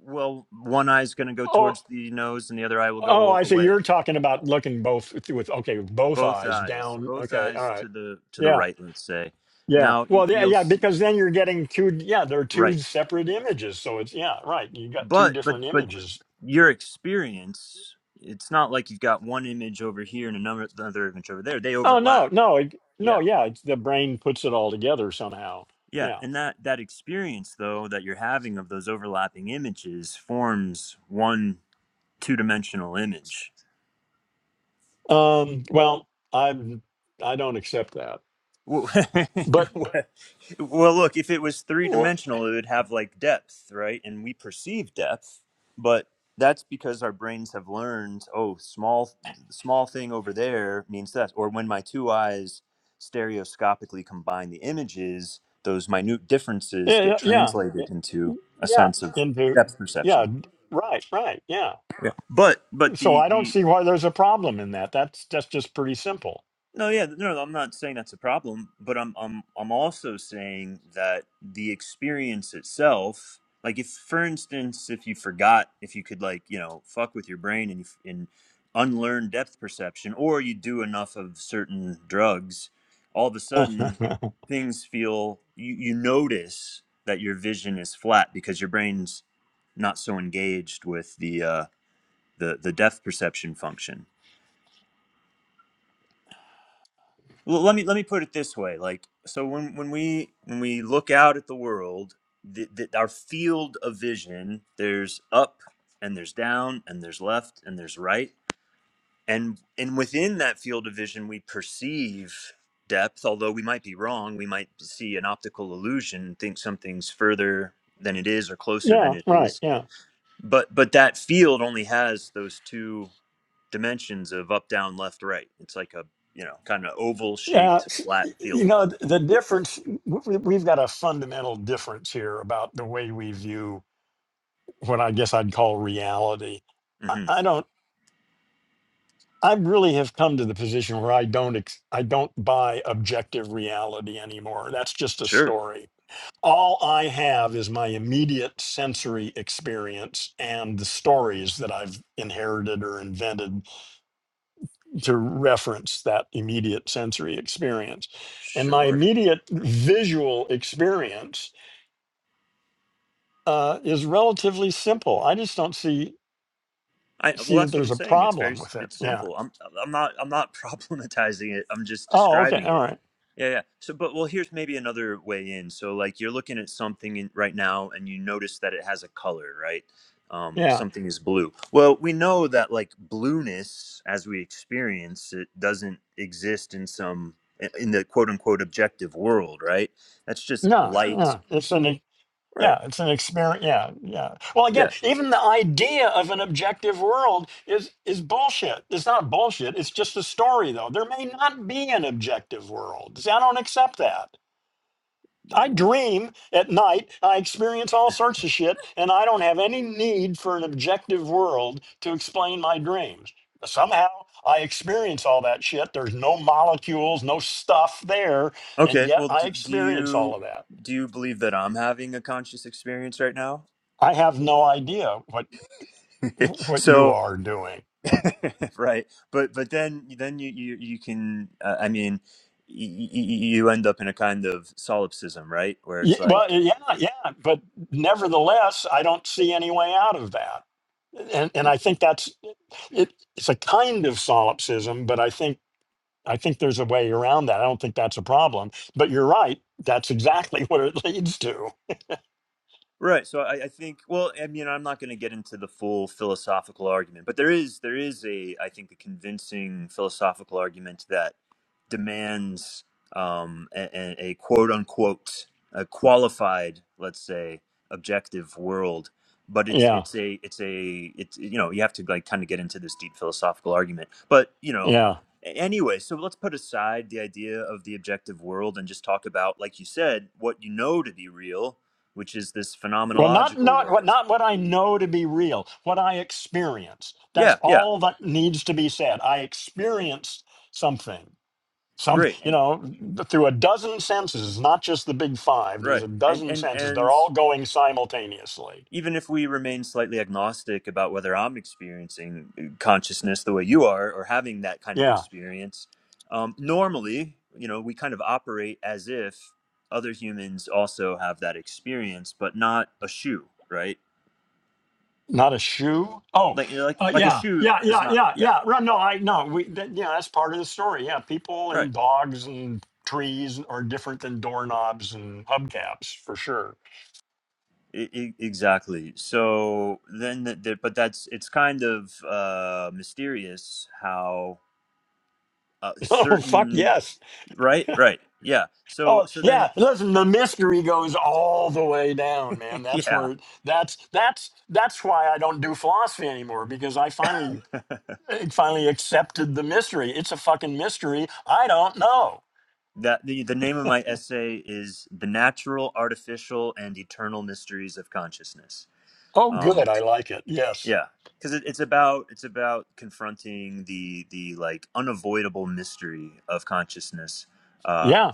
well one eye is going to go
Oh,
towards the nose and the other eye will
Oh,
go
I see.
away
You're talking about looking both with with- okay, with both
both
eyes
eyes
down.
both
Okay, all
eyes
right.
to the to the
Yeah,
right let's say
yeah.
now
Well, yeah,
you'll
yeah.
see
Because then you're getting two. Yeah, there are two
right
separate images. So it's yeah, right. You got two
But but
different
but
images.
your experience, it's not like you've got one image over here and another another image over there. They
Oh no,
overlap.
no, it, no.
Yeah.
Yeah, it's, the brain puts it all together somehow.
Yeah,
Yeah.
and that that experience though that you're having of those overlapping images forms one two-dimensional image.
Um. Well, I'm. I don't accept that.
Well,
But
well, look, if it was three
wh-
dimensional, it would have like depth, right? And we perceive depth, but that's because our brains have learned, oh, small, small thing over there means that. Or when my two eyes stereoscopically combine the images, those minute differences get
yeah, yeah, yeah.
translated into a
yeah,
sense of
Into
depth
yeah.
perception.
Right, right. Yeah.
Yeah. But but
So
the
I don't
the
see why there's a problem in that. That's that's just pretty simple.
No, yeah, no, no, I'm not saying that's a problem, but I'm I'm I'm also saying that the experience itself, like if for instance, if you forgot, if you could like you know fuck with your brain and you, f- and unlearn depth perception, or you do enough of certain drugs, all of a sudden things feel you you notice that your vision is flat because your brain's not so engaged with the uh, the the depth perception function Well, let me let me put it this way: like, so when when we when we look out at the world, the, the, our field of vision, there's up and there's down and there's left and there's right, and and within that field of vision, we perceive depth. Although we might be wrong, we might see an optical illusion and think something's further than it is or closer
yeah,
than it
right.
is.
Yeah.
But but that field only has those two dimensions of up, down, left, right. It's like a you know kind of oval
Yeah,
shaped flat field
you know th- the difference. we- We've got a fundamental difference here about the way we view what I guess I'd call reality. I,
hmm
I don't. I really have come to the position where I don't. Ex, I don't buy objective reality anymore. That's just a
Sure,
story. All I have is my immediate sensory experience and the stories that I've inherited or invented to reference that immediate sensory experience. And my
sure.
immediate visual experience uh, is relatively simple. I just don't see
I well,
see that
that's what
there's
I'm
a
saying. It's very,
problem
s-
with it.
it's
Yeah.
simple. I'm, I'm not, I'm not problematizing it. I'm just
Oh, okay.
describing
All
it.
right.
Yeah, yeah. So, but well, here's maybe another way in. So, like, you're looking at something in, right now, and you notice that it has a color, right? Um,
Yeah.
something is blue. Well, we know that like blueness, as we experience it, doesn't exist in some in the quote unquote objective world, right? That's just
No.
light,
No. It's an e-
right?
yeah. It's an experiment. Yeah. Yeah. Well, again,
Yeah
even the idea of an objective world is is bullshit. It's not bullshit. It's just a story, though. There may not be an objective world. See, I don't accept that. I dream at night. I experience all sorts of shit, and I don't have any need for an objective world to explain my dreams. Somehow I experience all that shit. There's no molecules, no stuff there, and
Okay,
yet
well,
I
do, do
experience all
you
of that.
do you believe that I'm having a conscious experience right now?
I have no idea what what you
so,
are doing.
right, but but then then you you you can uh, I mean y- y- y- you end up in a kind of solipsism, right, where
Yeah,
it's
well,
like
yeah, yeah, but nevertheless, I don't see any way out of that, and and I think that's it, it's a kind of solipsism, but I think I think there's a way around that. I don't think that's a problem. But you're right. That's exactly what it leads to.
Right. So I, I think, well, I mean, I'm not going to get into the full philosophical argument, but there is there is a I think a convincing philosophical argument that demands um, a, a quote unquote a qualified, let's say, objective world. But it's
Yeah.
it's a it's a it's you know you have to like kind of get into this deep philosophical argument. But you know
Yeah.
a- anyway, so let's put aside the idea of the objective world and just talk about, like you said, what you know to be real which is this
Well, not
phenomenological
not what
world.
not what I know to be real, what I experience. That's
Yeah, yeah,
all that needs to be said. I experienced something. Some,
great,
you
and,
know, through a dozen senses, not just the big five. There's
Right.
a
and
dozen
and
senses. They're
and
all going simultaneously.
even if we remain slightly agnostic about whether I'm experiencing uh, consciousness the way you are or having that kind of
Yeah.
experience, um, normally, you know, we kind of operate as if other humans also have that experience, but not a shoe, right?
Not a shoe? Oh,
Like, you know, like,
uh,
like a
yeah,
shoe
yeah,
is
yeah,
not.
yeah,
Yeah,
yeah. Right, No, I no. We that, yeah, that's part of the story. Yeah, people
right.
and dogs and trees are different than doorknobs and hubcaps for sure.
E- e- Exactly. So then, the, the, but that's it's kind of uh, mysterious how uh,
Oh fuck
certain,
yes.
right, right, yeah. So,
Oh
so
yeah.
then,
Listen, the mystery goes all the way down, man. That's
yeah.
where that's that's that's why I don't do philosophy anymore because I finally I finally accepted the mystery. It's a fucking mystery. I don't know.
That the, the name of my essay is "The Natural, Artificial, and Eternal Mysteries of Consciousness."
Oh
Um,
good, I like it. Yes.
yeah, because it, it's about it's about confronting the the like unavoidable mystery of consciousness uh,
Yeah.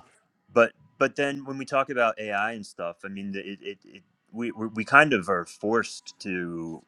but but then when we talk about AI and stuff, I mean, it, it, it we we we kind of are forced to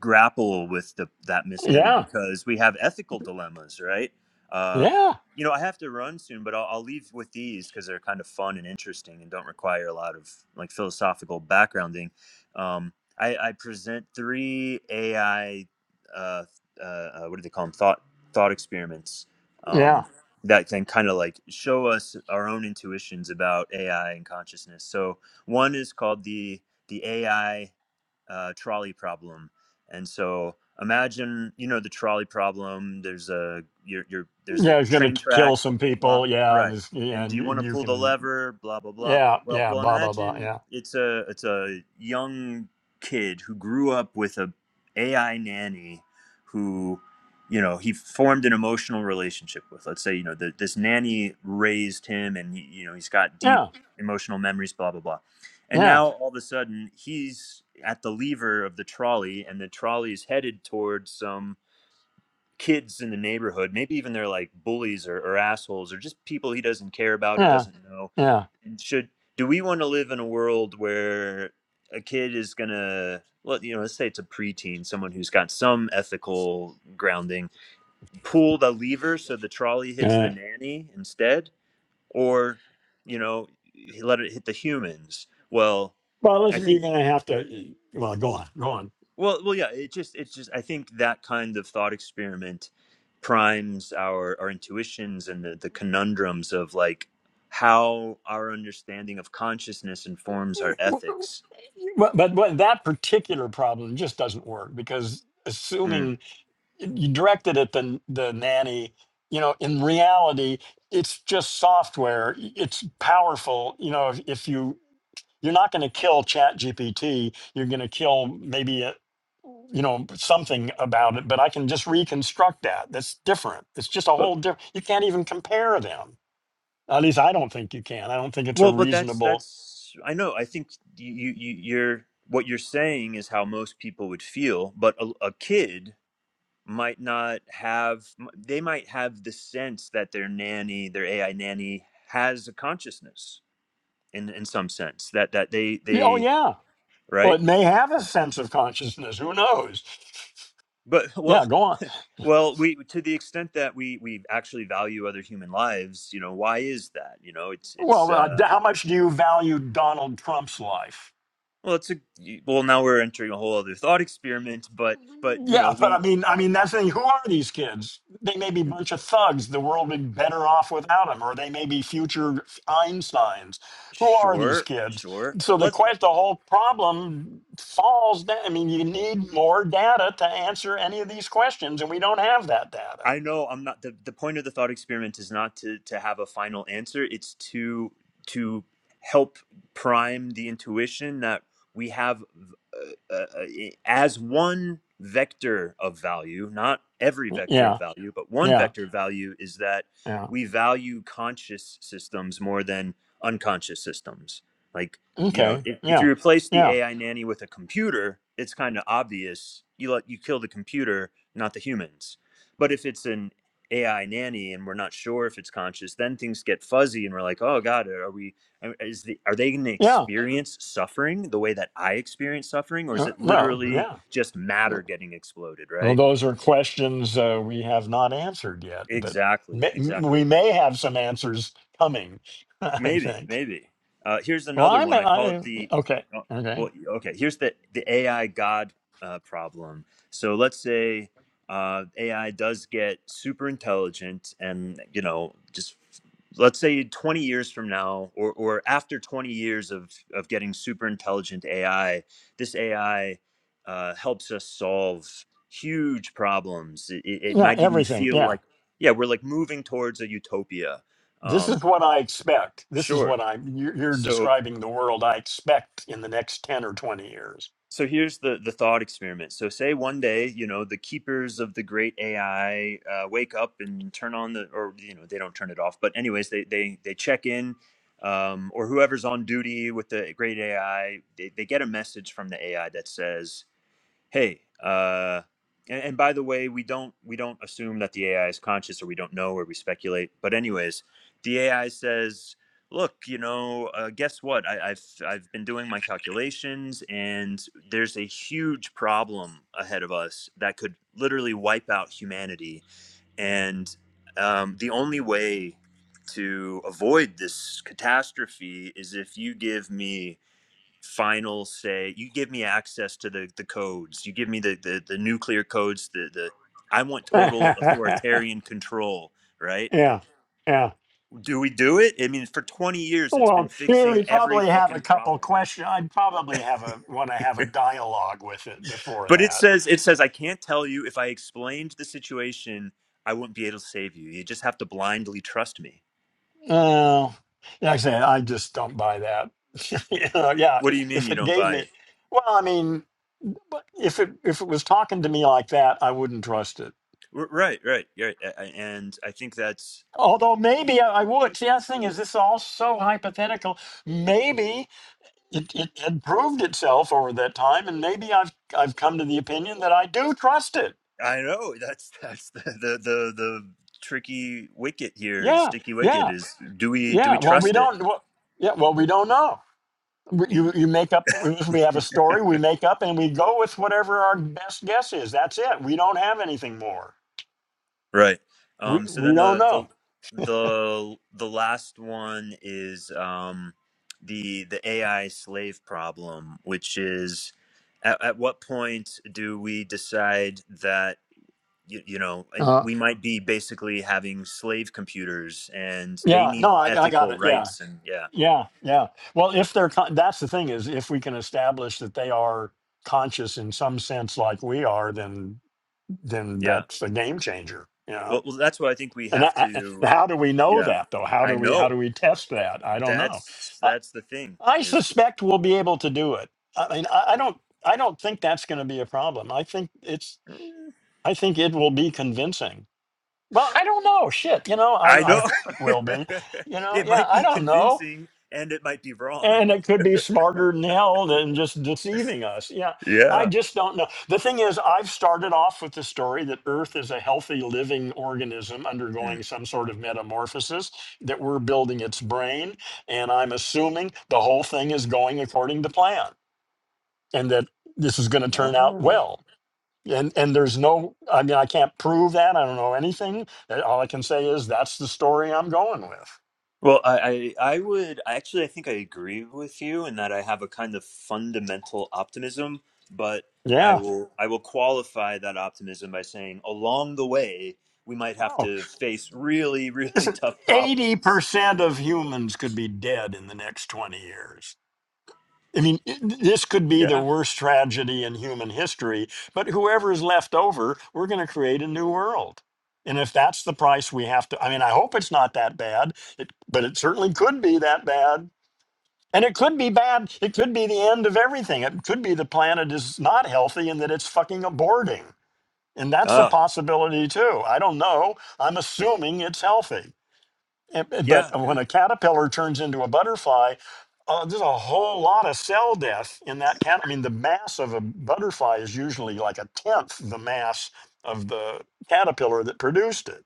grapple with the that mystery
Yeah.
because we have ethical dilemmas, right? Uh,
Yeah,
you know, I have to run soon, but I'll, I'll leave with these because they're kind of fun and interesting and don't require a lot of like philosophical backgrounding. Um, I, I present three AI, uh, uh, uh, what do they call them? Thought thought experiments.
yeah,
Um, that can kind of like show us our own intuitions about AI and consciousness. So one is called the the AI uh, trolley problem, and so imagine you know the trolley problem. There's a you're, you're there's a
yeah. He's gonna
train
k- kill
tracks blah
some
blah blah
people. Yeah, and
right.
it's, yeah,
And
and
do you
you,
want
and
to
you
pull the
can.
lever? Blah blah blah.
Yeah,
Well,
yeah.
well,
Blah blah blah.
imagine
Yeah,
it's a it's a young kid who grew up with a AI nanny who you know he formed an emotional relationship with let's say you know the, this nanny raised him and you know he's got deep
yeah,
emotional memories blah blah blah and
yeah,
now all of a sudden he's at the lever of the trolley and the trolley is headed towards some kids in the neighborhood maybe even they're like bullies or, or assholes or just people he doesn't care about or
yeah,
doesn't know
yeah.
and should do we want to live in a world where a kid is gonna well, you know, let's say it's a preteen, someone who's got some ethical grounding pull the lever so the trolley hits the
yeah.
nanny instead or you know let it hit the humans well
Well,
i
listen, you're
think
gonna have to. Well, go on, go on.
well well yeah it just it just i think that kind of thought experiment primes our our intuitions and the, the conundrums of like how our understanding of consciousness informs our ethics
But but, but that particular problem just doesn't work because
Mm.
assuming you directed at the the nanny, you know, in reality, it's just software. It's powerful. You know, if, if you you're not going to kill chat gpt you're going to kill maybe you know something about it but i can just reconstruct that that's different it's just a
but
whole different you can't even compare them at least i don't think you can i don't think it's a
well but that's
reasonable
that's i know i think you, you you- you're what you're saying is how most people would feel but a, a kid might not have they might have the sense that their nanny their ai nanny has a consciousness in in some sense that that they
Yeah, oh
they
yeah well
right
it may have a sense of consciousness who knows
but
yeah
well
go on
well we to the extent that we we actually value other human lives you know why is that you know it's it's
well uh, d-
uh
how much do you value donald trump's life
well it's a well now we're entering a whole other thought experiment but but you know
Yeah, but I
we
mean, I mean, that's the thing. Who are these kids? They may be a bunch of thugs. The world would be better off without them, or they may be future Einsteins. Who are these
sure
kids?
sure
So the
let
quest, the whole problem falls down. I mean, you need more data to answer any of these questions, and we don't have that data.
I know I'm not the, the point of the thought experiment is not to to have a final answer. It's to to help prime the intuition that we have uh, uh, uh, as one vector of value, not every vector of
Yeah,
value, but one
yeah,
vector of value is that
yeah.
we value conscious systems more than unconscious systems. Like, you know,
Okay,
if, if
yeah,
you replace the
yeah,
AI nanny with a computer, it's kind of obvious. You let you kill the computer, not the humans but if it's an AI nanny and we're not sure if it's conscious, then things get fuzzy and we're like, oh God, are we, is the, are they going to
yeah.
experience suffering the way that I experience suffering? Or is
Uh,
it
well,
literally
yeah.
just matter getting exploded,
Well,
right?
those are questions uh, we have not answered yet, but
Exactly.
may,
Exactly.
we may have some answers coming. I
Maybe,
think.
maybe. Uh, here's
Well,
another
I'm
one. I call it
I
the.
okay.
oh,
Okay.
Well, okay. Here's the the AI God uh, problem. So let's say uh, AI does get super intelligent, and you know, just let's say 20 years from now, or or after 20 years of of getting super intelligent AI, this AI uh, helps us solve huge problems. It, it it
Yeah,
might even
everything.
feel
Yeah,
like, yeah, we're like moving towards a utopia.
this
Um,
is what I expect. This is
sure
what I'm. You're, you're
so
describing the world I expect in the next ten or twenty years.
so here's the the thought experiment. So say one day, you know, the keepers of the great AI uh, wake up and turn on the or you know, they don't turn it off, but anyways, they they they check in um, or whoever's on duty with the great AI, they, they get a message from the AI that says, hey uh and, and by the way we don't we don't assume that the ai is conscious or we don't know or we speculate but anyways the ai says look you know uh, guess what I, i've i've been doing my calculations and there's a huge problem ahead of us that could literally wipe out humanity and um, the only way to avoid this catastrophe is if you give me final say you give me access to the the codes you give me the the, the nuclear codes the the i want total
yeah.
authoritarian control right
Yeah.
do we do it i mean for 20 years it's been
Well, here
fixing
we
every
probably have a
fucking
couple
problem
questions. I'd probably have a want to have a dialogue with it before
but it
that.
says it says i can't tell you if i explained the situation i wouldn't be able to save you you just have to blindly trust me
Uh, yeah, like I said, I just don't buy that. you know, yeah,
what do
i-
you mean
if
you
it
don't
gave
buy it
me, well, I mean, but if it if it was talking to me like that, I wouldn't trust it.
R- right right right A- a- and i think that's
Although maybe I, I would. See, that's the thing is, this is all so hypothetical. Maybe it, it had proved itself over that time, and maybe I've I've come to the opinion that I do trust it.
I know that's that's the the the, the tricky wicket here. The
Yeah,
sticky wicket
yeah,
is do we do
yeah.
we
Well, we
trust it?
don't. Well, yeah, well, we don't know. we- you you make up if we have a story we make up and we go with whatever our best guess is that's it we don't have anything more
Right.
we
Um. So
we
then
don't
the
know
the the the last one is um the the AI slave problem, which is at, at what point do we decide that you, you know and
Uh,
we might be basically having slave computers and they
yeah
need
no i, I got
ethical
it yeah
rights and yeah
yeah yeah well if they're con- that's the thing is if we can establish that they are conscious in some sense like we are then then
yeah
that's a game changer you
Well,
know
well, that's what I think we
and
have
I, I,
to.
how do we know
Yeah,
that though how
I
do we how
know.
do we test that i don't know
That's
Uh,
that's the thing
I
is
suspect we'll be able to do it. I mean, I, I don't, I don't think that's going to be a problem. I think it's, I think it will be convincing. Well, I don't know. Shit, you know,
I
I, I
know
hope it will be. You know,
it
yeah,
might
I
be
don't know.
convincing and it might be wrong.
And it could be smarter than hell than just deceiving us. Yeah, I
Yeah.
just don't know. The thing is, I've started off with the story that Earth is a healthy living organism
Hmm.
undergoing some sort of metamorphosis, that we're building its brain, and I'm assuming the whole thing is going according to plan and that this is going to turn out
Oh.
well. And and there's no, I mean, I can't prove that. I don't know anything. Uh, All I can say is that's the story I'm going with.
Well, I, I I would actually I think I agree with you in that I have a kind of fundamental optimism, but I
Yeah.
will I will qualify that optimism by saying along the way we might have
Oh,
to face really really
listen,
tough
eighty
problems.
percent of humans could be dead in the next twenty years. I mean, i- this could be the
Yeah.
worst tragedy in human history. But whoever's left over, we're going to create a new world. And if that's the price we have to, I mean, I hope it's not that bad, it, but it certainly could be that bad And it could be bad. It could be the end of everything. It could be the planet is not healthy and that it's fucking aborting. And that's a
Ah,
possibility too. I don't know. I'm assuming it's healthy. And- But
yeah,
when
yeah,
a caterpillar turns into a butterfly, uh, there's a whole lot of cell death in that cat. I mean, the mass of a butterfly is usually like a tenth the mass of the caterpillar that produced it.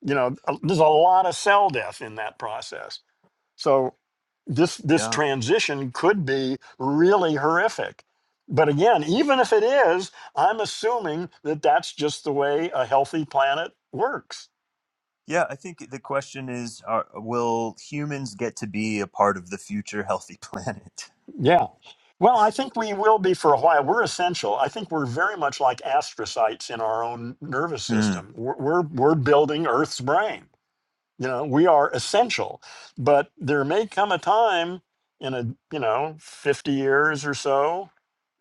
You know, uh, there's a lot of cell death in that process. So this this
yeah,
transition could be really horrific. But again, even if it is, I'm assuming that that's just the way a healthy planet works.
yeah. I think the question is: are, Will humans get to be a part of the future healthy planet?
Yeah. Well, I think we will be for a while. We're essential. I think we're very much like astrocytes in our own nervous
Hmm.
system. We're, we're, we're building Earth's brain. You know, we are essential. But there may come a time in a, you know, 50 years or so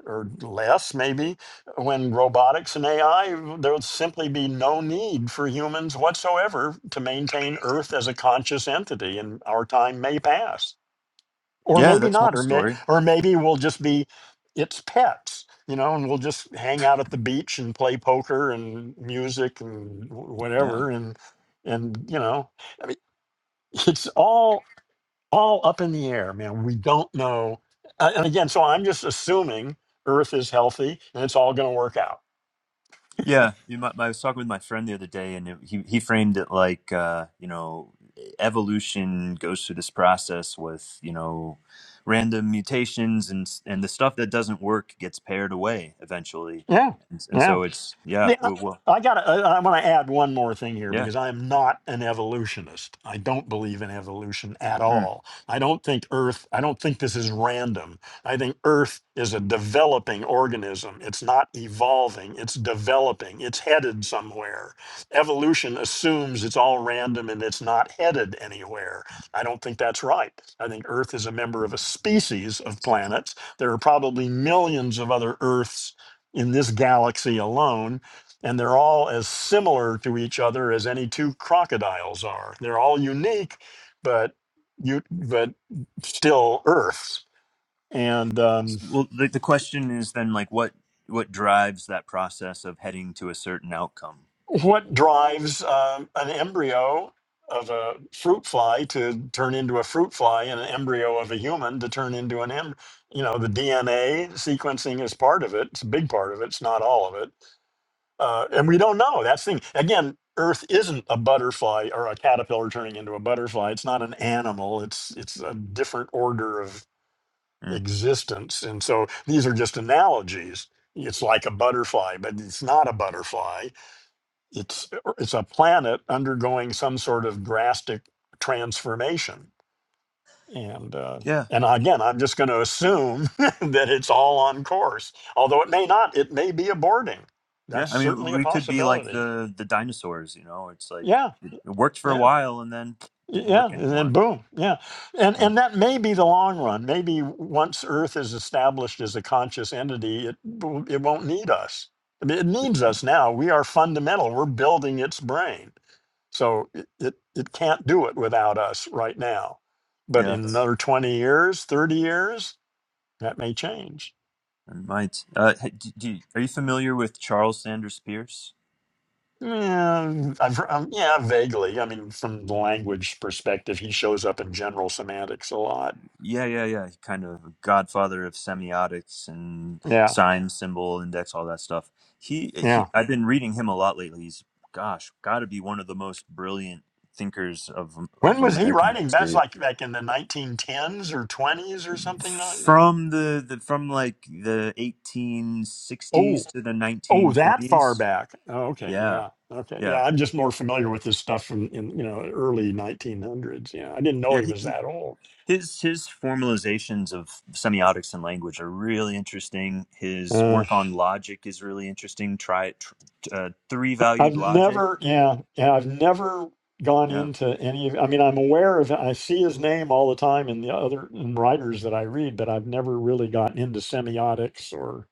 or less maybe when robotics and AI there would simply be no need for humans whatsoever to maintain earth as a conscious entity and our time may pass or
Yeah,
maybe
that's
not
one
or may,
story.
or maybe we'll just be its pets you know and we'll just hang out at the beach and play poker and music and wh-
Yeah,
whatever and and you know I mean it's all all up in the air, man. We don't know. Uh, and again, so I'm just assuming Earth is healthy and it's all going to work out.
yeah. You might, I was talking with my friend the other day, and it, he he framed it like uh, you know, evolution goes through this process with you know, random mutations and s- and the stuff that doesn't work gets paired away eventually,
Yeah.
and, and
Yeah.
so it's yeah,
The- uh,
we'll, we'll
I got. I'm going to add one more thing here
yeah.
because I am not an evolutionist. I don't believe in evolution at
Hmm.
all. I don't think Earth. I don't think this is random. I think Earth is a developing organism. It's not evolving. It's developing. It's headed somewhere. Evolution assumes it's all random and it's not headed anywhere. I don't think that's right. I think Earth is a member of a species of planets. There are probably millions of other Earths in this galaxy alone and they're all as similar to each other as any two crocodiles are. They're all unique, but you but still Earths. And um,
Well, the, the question is then like what what drives that process of heading to a certain outcome?
what drives um an embryo of a fruit fly to turn into a fruit fly and an embryo of a human to turn into an em? You know, the DNA sequencing is part of it. It's a big part of it. It's not all of it uh, and we don't know. That's the thing. Again, Earth isn't a butterfly or a caterpillar turning into a butterfly. It's not an animal. It's it's a different order of
Mm.
existence. And so these are just analogies. It's like a butterfly, but it's not a butterfly. It's it's a planet undergoing some sort of drastic transformation. And uh,
Yeah,
and again, I'm just going to assume that it's all on course, although it may not. It may be aborting.
yeah.
That's
I mean,
certainly a
we could be like
possibility.
the the dinosaurs. You know, it's like
Yeah,
it, it worked for a
yeah,
while and then didn't
yeah,
work
and then
anymore.
boom, yeah, and
Uh,
and that may be the long run. Maybe once Earth is established as a conscious entity, it w- it won't need us. I mean, it needs us now. We are fundamental. We're building its brain, so it it, it can't do it without us right now. But
yeah,
in another twenty years, thirty years, that may change.
it might. Uh, hey, do, do, you- are you familiar with Charles Sanders Peirce?
Yeah, I've, hear- um, yeah, vaguely. I mean, from the language perspective, he shows up in general semantics a lot.
Yeah, yeah, yeah. Kind of godfather of semiotics and
Yeah,
sign, symbol, index, all that stuff. He, eh,
yeah.
he. I've been reading him a lot lately. He's, gosh, got to be one of the most brilliant thinkers of
When
of
was he
American
writing? That's
history.
like back in the 1910s or 20s or something. Like,
From the, the from like the
oh,
1860s to the
oh, that far
1920s.
back. Oh, okay,
Yeah,
yeah, okay,
yeah,
yeah. I'm just more familiar with this stuff from in you know early 1900s. Yeah, I didn't know
yeah.
he
He
was that old.
His his formalizations of semiotics and language are really interesting. His
Uh,
work on logic is really interesting. Try tr- uh, three
I've
valued logic.
never, yeah, yeah, I've never gone
Yeah,
into any of. I mean, I'm aware of. I see his name all the time in the other in writers that I read, but I've never really gotten into semiotics or.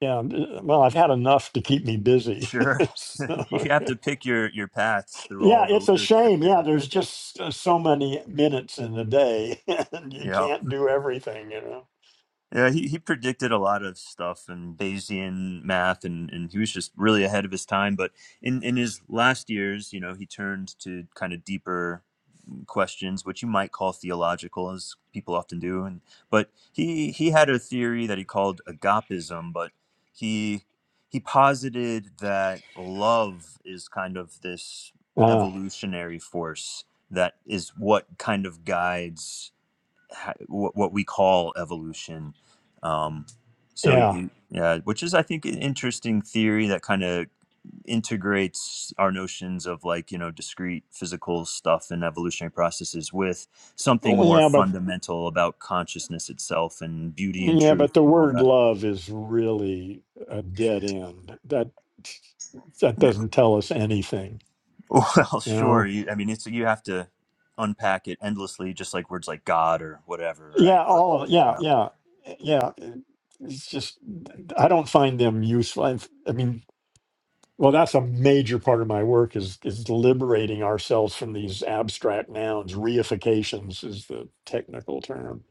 Yeah, well, I've had enough to keep me busy.
sure. you
so,
have to pick your your paths through all
Yeah,
the
it's a
literature.
shame. Yeah,
Yeah,
there's just uh, so many minutes in the day, and you
yeah,
can't do everything, you know.
yeah. He he predicted a lot of stuff and Bayesian math, and and he was just really ahead of his time. But in in his last years, you know, he turned to kind of deeper. questions, which you might call theological, as people often do. And but he he had a theory that he called agapism, but he he posited that love is kind of this
Uh,
evolutionary force that is what kind of guides ha- what, what we call evolution. Um, so he,
yeah,
he- yeah, which is I think an interesting theory that kind of integrates our notions of like you know discrete physical stuff and evolutionary processes with something
oh,
more
yeah, but
fundamental about consciousness itself and beauty and
yeah, but
truth
the
and all
word
that
love is really a dead end. That that
Yeah.
doesn't tell us anything,
well
you
sure
know.
you, i mean it's you have to unpack it endlessly just like words like god or whatever right
Yeah,
but
all of
yeah.
yeah, yeah, yeah. It's just I don't find them useful. I've- I mean, Well, that's a major part of my work is is liberating ourselves from these abstract nouns. Reifications is the technical term.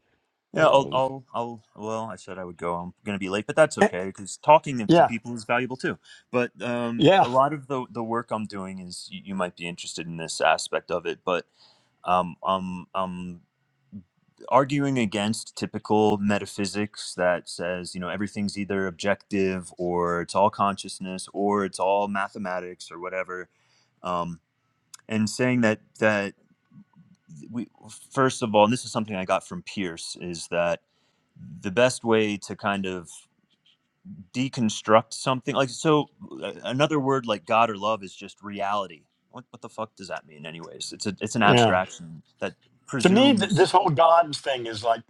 Yeah, I'll,
Um,
I'll, I'll. Well, I said I would go. I'm going to be late, but that's
eh,
okay because talking to
yeah,
people is valuable too. But um,
yeah,
a lot of the the work I'm doing is you, you might be interested in this aspect of it, but um, I'm, I'm arguing against typical metaphysics that says, you know, everything's either objective or it's all consciousness or it's all mathematics or whatever. Um, and saying that, we first of all, and this is something I got from Pierce, is that the best way to kind of deconstruct something like so uh, another word like god or love is just reality what, what the fuck does that mean anyways it's a it's an
yeah.
abstraction that
To me, th-
presumes
this whole God thing is like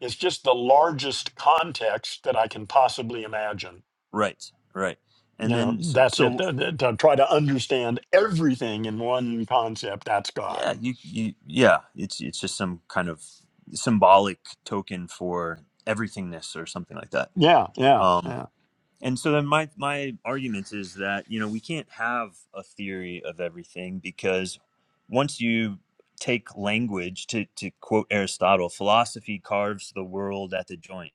it's just the largest context that I can possibly imagine.
right right
You
and
know,
then so,
that's it.
so
Th- th- To try to understand everything in one concept, that's God.
yeah you, you yeah it's it's just some kind of symbolic token for everythingness or something like that
Yeah, yeah,
Um.
yeah.
And so then my my argument is that you know we can't have a theory of everything because once you take language to to quote Aristotle, philosophy carves the world at the joint.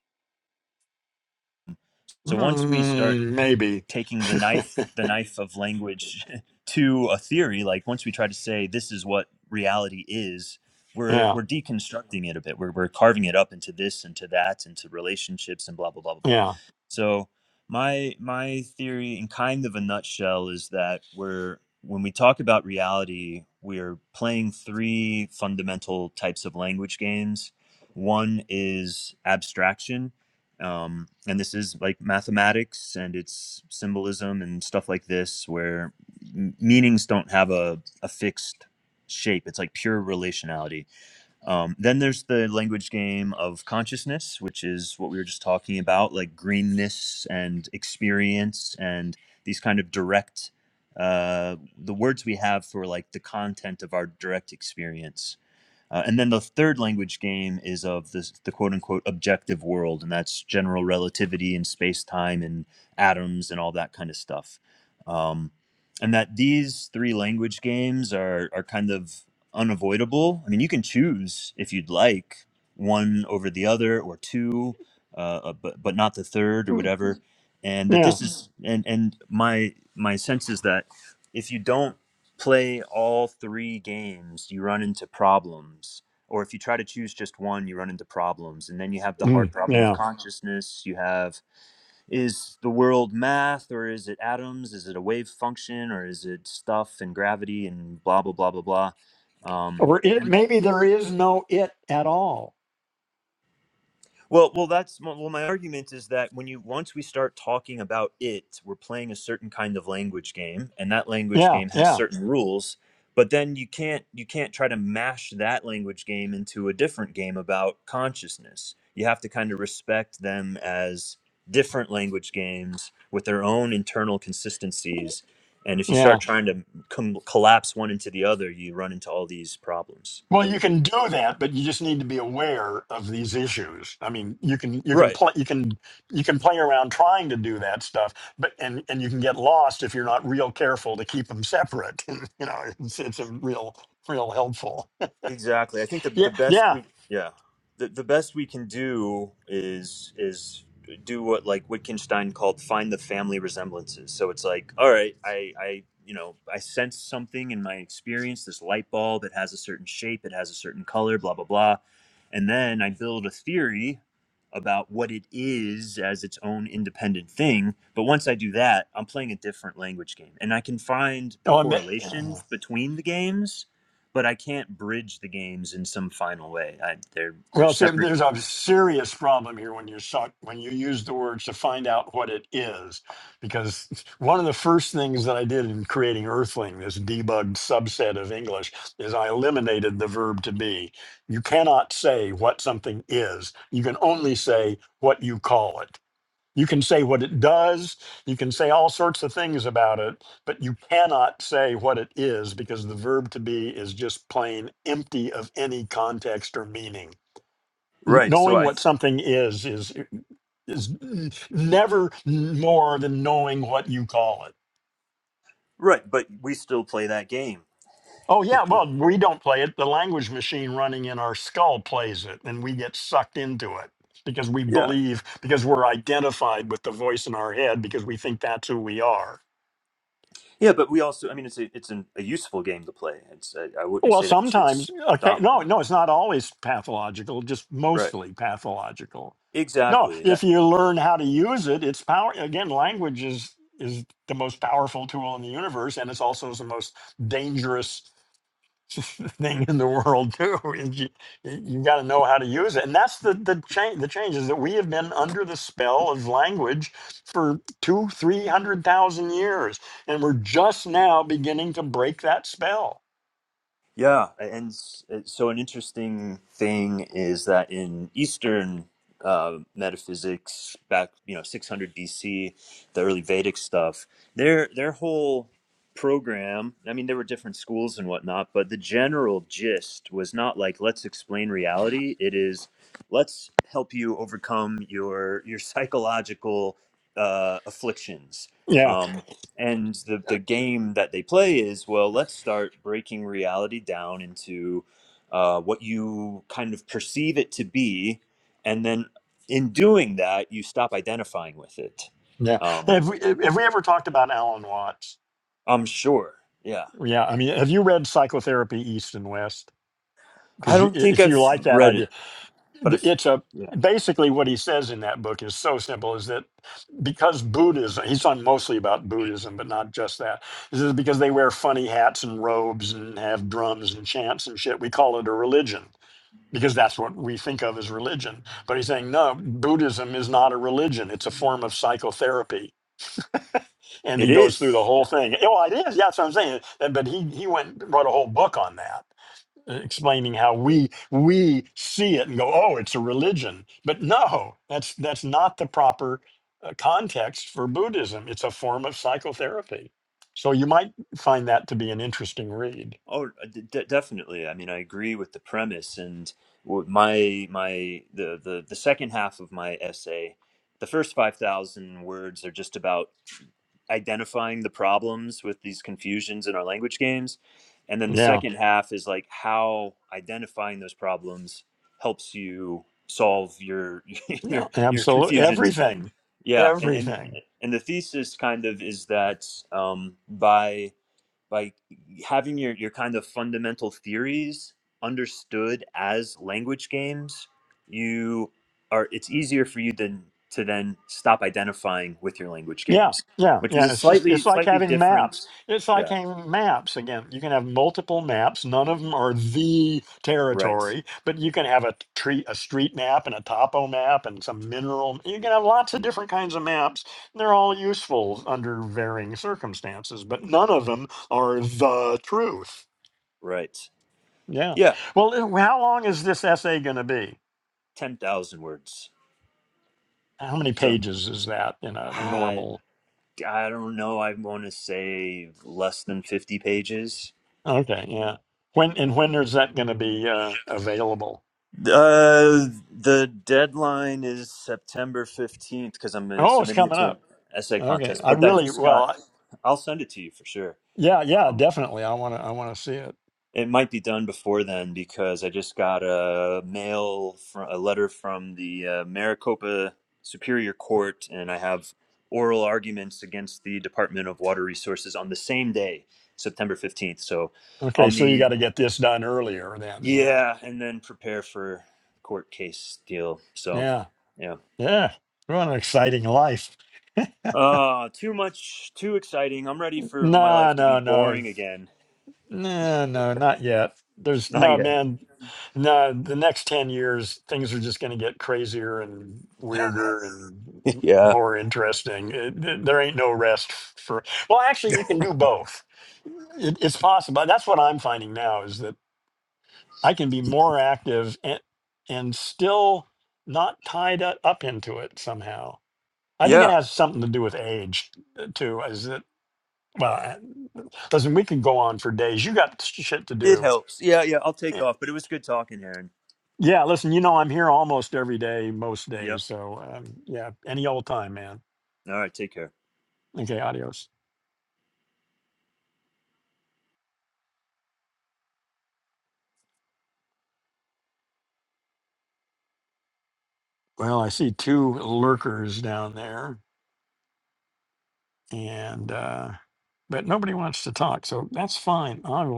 So once we start
Mm, maybe.
taking the knife the knife of language to a theory like once we try to say this is what reality is we're
Yeah,
we're deconstructing it a bit we're, we're carving it up into this into that into relationships and blah blah blah blah blah
yeah,
so my my theory in kind of a nutshell is that we're when we talk about reality we're playing three fundamental types of language games one is abstraction um, and this is like mathematics and it's symbolism and stuff like this where m- meanings don't have a, a fixed shape it's like pure relationality um, then there's the language game of consciousness which is what we were just talking about like greenness and experience and these kind of direct uh, the words we have for like the content of our direct experience uh, and then the third language game is of this, the quote unquote objective world, and that's general relativity and space time and atoms and all that kind of stuff. Um, and that these three language games are, are kind of unavoidable. I mean, you can choose if you'd like one over the other or two, uh, uh, but, but not the third or
Mm,
whatever. And that
yeah,
this is, and, and my, my sense is that if you don't play all three games, you run into problems. Or if you try to choose just one, you run into problems. And then you have the
Mm,
hard problem
yeah.
of consciousness. You have is the world math or is it atoms? Is it a wave function or is it stuff and gravity and blah, blah, blah, blah, blah. Um,
Or it, maybe there is no it at all.
Well, well, that's well. My argument is that when you once we start talking about it, we're playing a certain kind of language game, and that language
Yeah,
game has
yeah,
certain rules. But then you can't you can't try to mash that language game into a different game about consciousness. You have to kind of respect them as different language games with their own internal consistencies. And if you
yeah.
start trying to com- collapse one into the other, you run into all these problems.
Well, you can do that, but you just need to be aware of these issues. I mean, you can you can
Right.
play you can you can play around trying to do that stuff, but and and you can get lost if you're not real careful to keep them separate. you know, it's it's a real real helpful.
Exactly. I think the
Yeah,
the best
yeah.
we yeah the the best we can do is is do what like Wittgenstein called find the family resemblances. So it's like all right, I I you know I sense something in my experience, this light bulb. It has a certain shape. It has a certain color. Blah blah blah, and then I build a theory about what it is as its own independent thing. But once I do that, I'm playing a different language game, and I can find the
Oh, I met.
correlations between the games but I can't bridge the games in some final way. I, they're they're
Well, see,
separate
there's a
games.
serious problem here when you suck, when you use the words to find out what it is, because one of the first things that I did in creating Earthling, this debugged subset of English, is I eliminated the verb to be. You cannot say what something is. You can only say what you call it. You can say what it does. You can say all sorts of things about it, but you cannot say what it is because the verb to be is just plain empty of any context or meaning N-
Right. So
knowing
I
what something is is is never more than knowing what you call it
right, but we still play that game.
oh yeah well we don't play it the language machine running in our skull plays it and we get sucked into it because we
Yeah.
believe because we're identified with the voice in our head because we think that's who we are
Yeah, but we also I mean it's a, it's an, a useful game to play. It's I, I wouldn't
Well,
say that we should
sometimes. Okay,
stop
no,
playing.
no, it's not always pathological. Just
Right.
mostly pathological. No,
Exactly. That.
if you learn how to use it, it's power. Again, language is is the most powerful tool in the universe, and it's also the most dangerous thing in the world too. If You, you got to know how to use it, and that's the the change. The change is that we have been under the spell of language for two, three hundred thousand years, and we're just now beginning to break that spell.
Yeah, and so an interesting thing is that in Eastern uh, metaphysics, back you know 600 BC, the early Vedic stuff, their their whole program. I mean, there were different schools and whatnot, but the general gist was not like let's explain reality. It is let's help you overcome your your psychological uh, afflictions.
Yeah.
Um, and the, the game that they play is well let's start breaking reality down into uh, what you kind of perceive it to be and then in doing that you stop identifying with it
Yeah.
um,
Have we, have we ever talked about Alan Watts?
i'm sure yeah
Yeah. I mean, have you read Psychotherapy East and West?
i
Because you, i-
don't think
if you
i've
like that
read it
idea,
but
th-
if,
it's a
yeah
basically what he says in that book is so simple is that because Buddhism, he's on mostly about Buddhism, but not just that. This is because they wear funny hats and robes and have drums and chants and shit. We call it a religion because that's what we think of as religion. But he's saying, no, Buddhism is not a religion, it's a form of psychotherapy and
it
he goes through the
is
whole
yeah.
thing. Oh, it is. Yeah, that's what I'm saying. And- But he he went and wrote a whole book on that, uh, explaining how we we see it and go, oh, it's a religion. But no, that's that's not the proper uh, context for Buddhism. It's a form of psychotherapy. So you might find that to be an interesting read.
oh uh, d- d- definitely i mean i agree with the premise and w- my my the, the the second half of my essay the first 5000 words are just about identifying the problems with these confusions in our language games. And then the
Yeah,
second half is like how identifying those problems helps you solve your
yeah,
your your
absolutely.
confusions.
Everything,
Yeah, and and,
everything.
and the thesis kind of is that um, by by having your, your kind of fundamental theories understood as language games you are it's easier for you than to then stop identifying with your language
Yeah,
games
yeah,
which is
yeah.
a
It's just
slightly
it's like
slightly
having maps.
different
It's like
yeah
having maps again. You can have multiple maps. None of them are the
right
territory, but you can have a tree, a street map, and a topo map, and some mineral. You can have lots of different kinds of maps. They're all useful under varying circumstances, but none of them are the truth.
right
Yeah.
yeah
Well, uh, how long is this essay going to be?
10,000 words
How many
so
pages is that in a
I
normal?
I don't know I want to say less than 50 pages
Okay, yeah. When and when is that going to be uh, available?
Uh, the deadline is September 15th because I'm uh,
Oh, it's
submitting it
coming
to an
up.
essay
Okay,
contest,
I
but that
really
just
well,
got,
I-
I'll send it to you for sure.
yeah, yeah,
Um,
definitely. I want to, I want to see it.
it might be done before then because I just got a mail, from, a letter from the uh, Maricopa Superior Court, and I have oral arguments against the Department of Water Resources on the same day, September 15th. So
Okay,
I'll
so you got
need,
to get this done earlier then. Yeah,
yeah, and then prepare for court case deal. So,
yeah,
yeah.
yeah. What an exciting life.
Uh, too much, too exciting. I'm ready for my
No,
life to be
no, no.
boring again.
No, no, not yet. There's
Not
no
yet.
man. No, the next 10 years, things are just going to get crazier and weirder and m-
yeah.
more interesting. It- th- there ain't no rest for, well, actually, you can do both. It, it's possible. That's what I'm finding now is that I can be more active and, and still not tied u- up into it somehow. I think it
Yeah.
has something to do with age uh, too. Is that, well, I- listen, we can go on for days. You got sh- shit to
It
do
helps. Yeah, yeah. I'll take
eh,
off, but it was good talking, Aaron.
Yeah, listen, you know I'm here almost every day, most
Yep.
days. So um, yeah, any old time, man.
All right. Take care.
Okay, adios. Well, I see two lurkers down there, and uh, but nobody wants to talk, so that's fine. I will.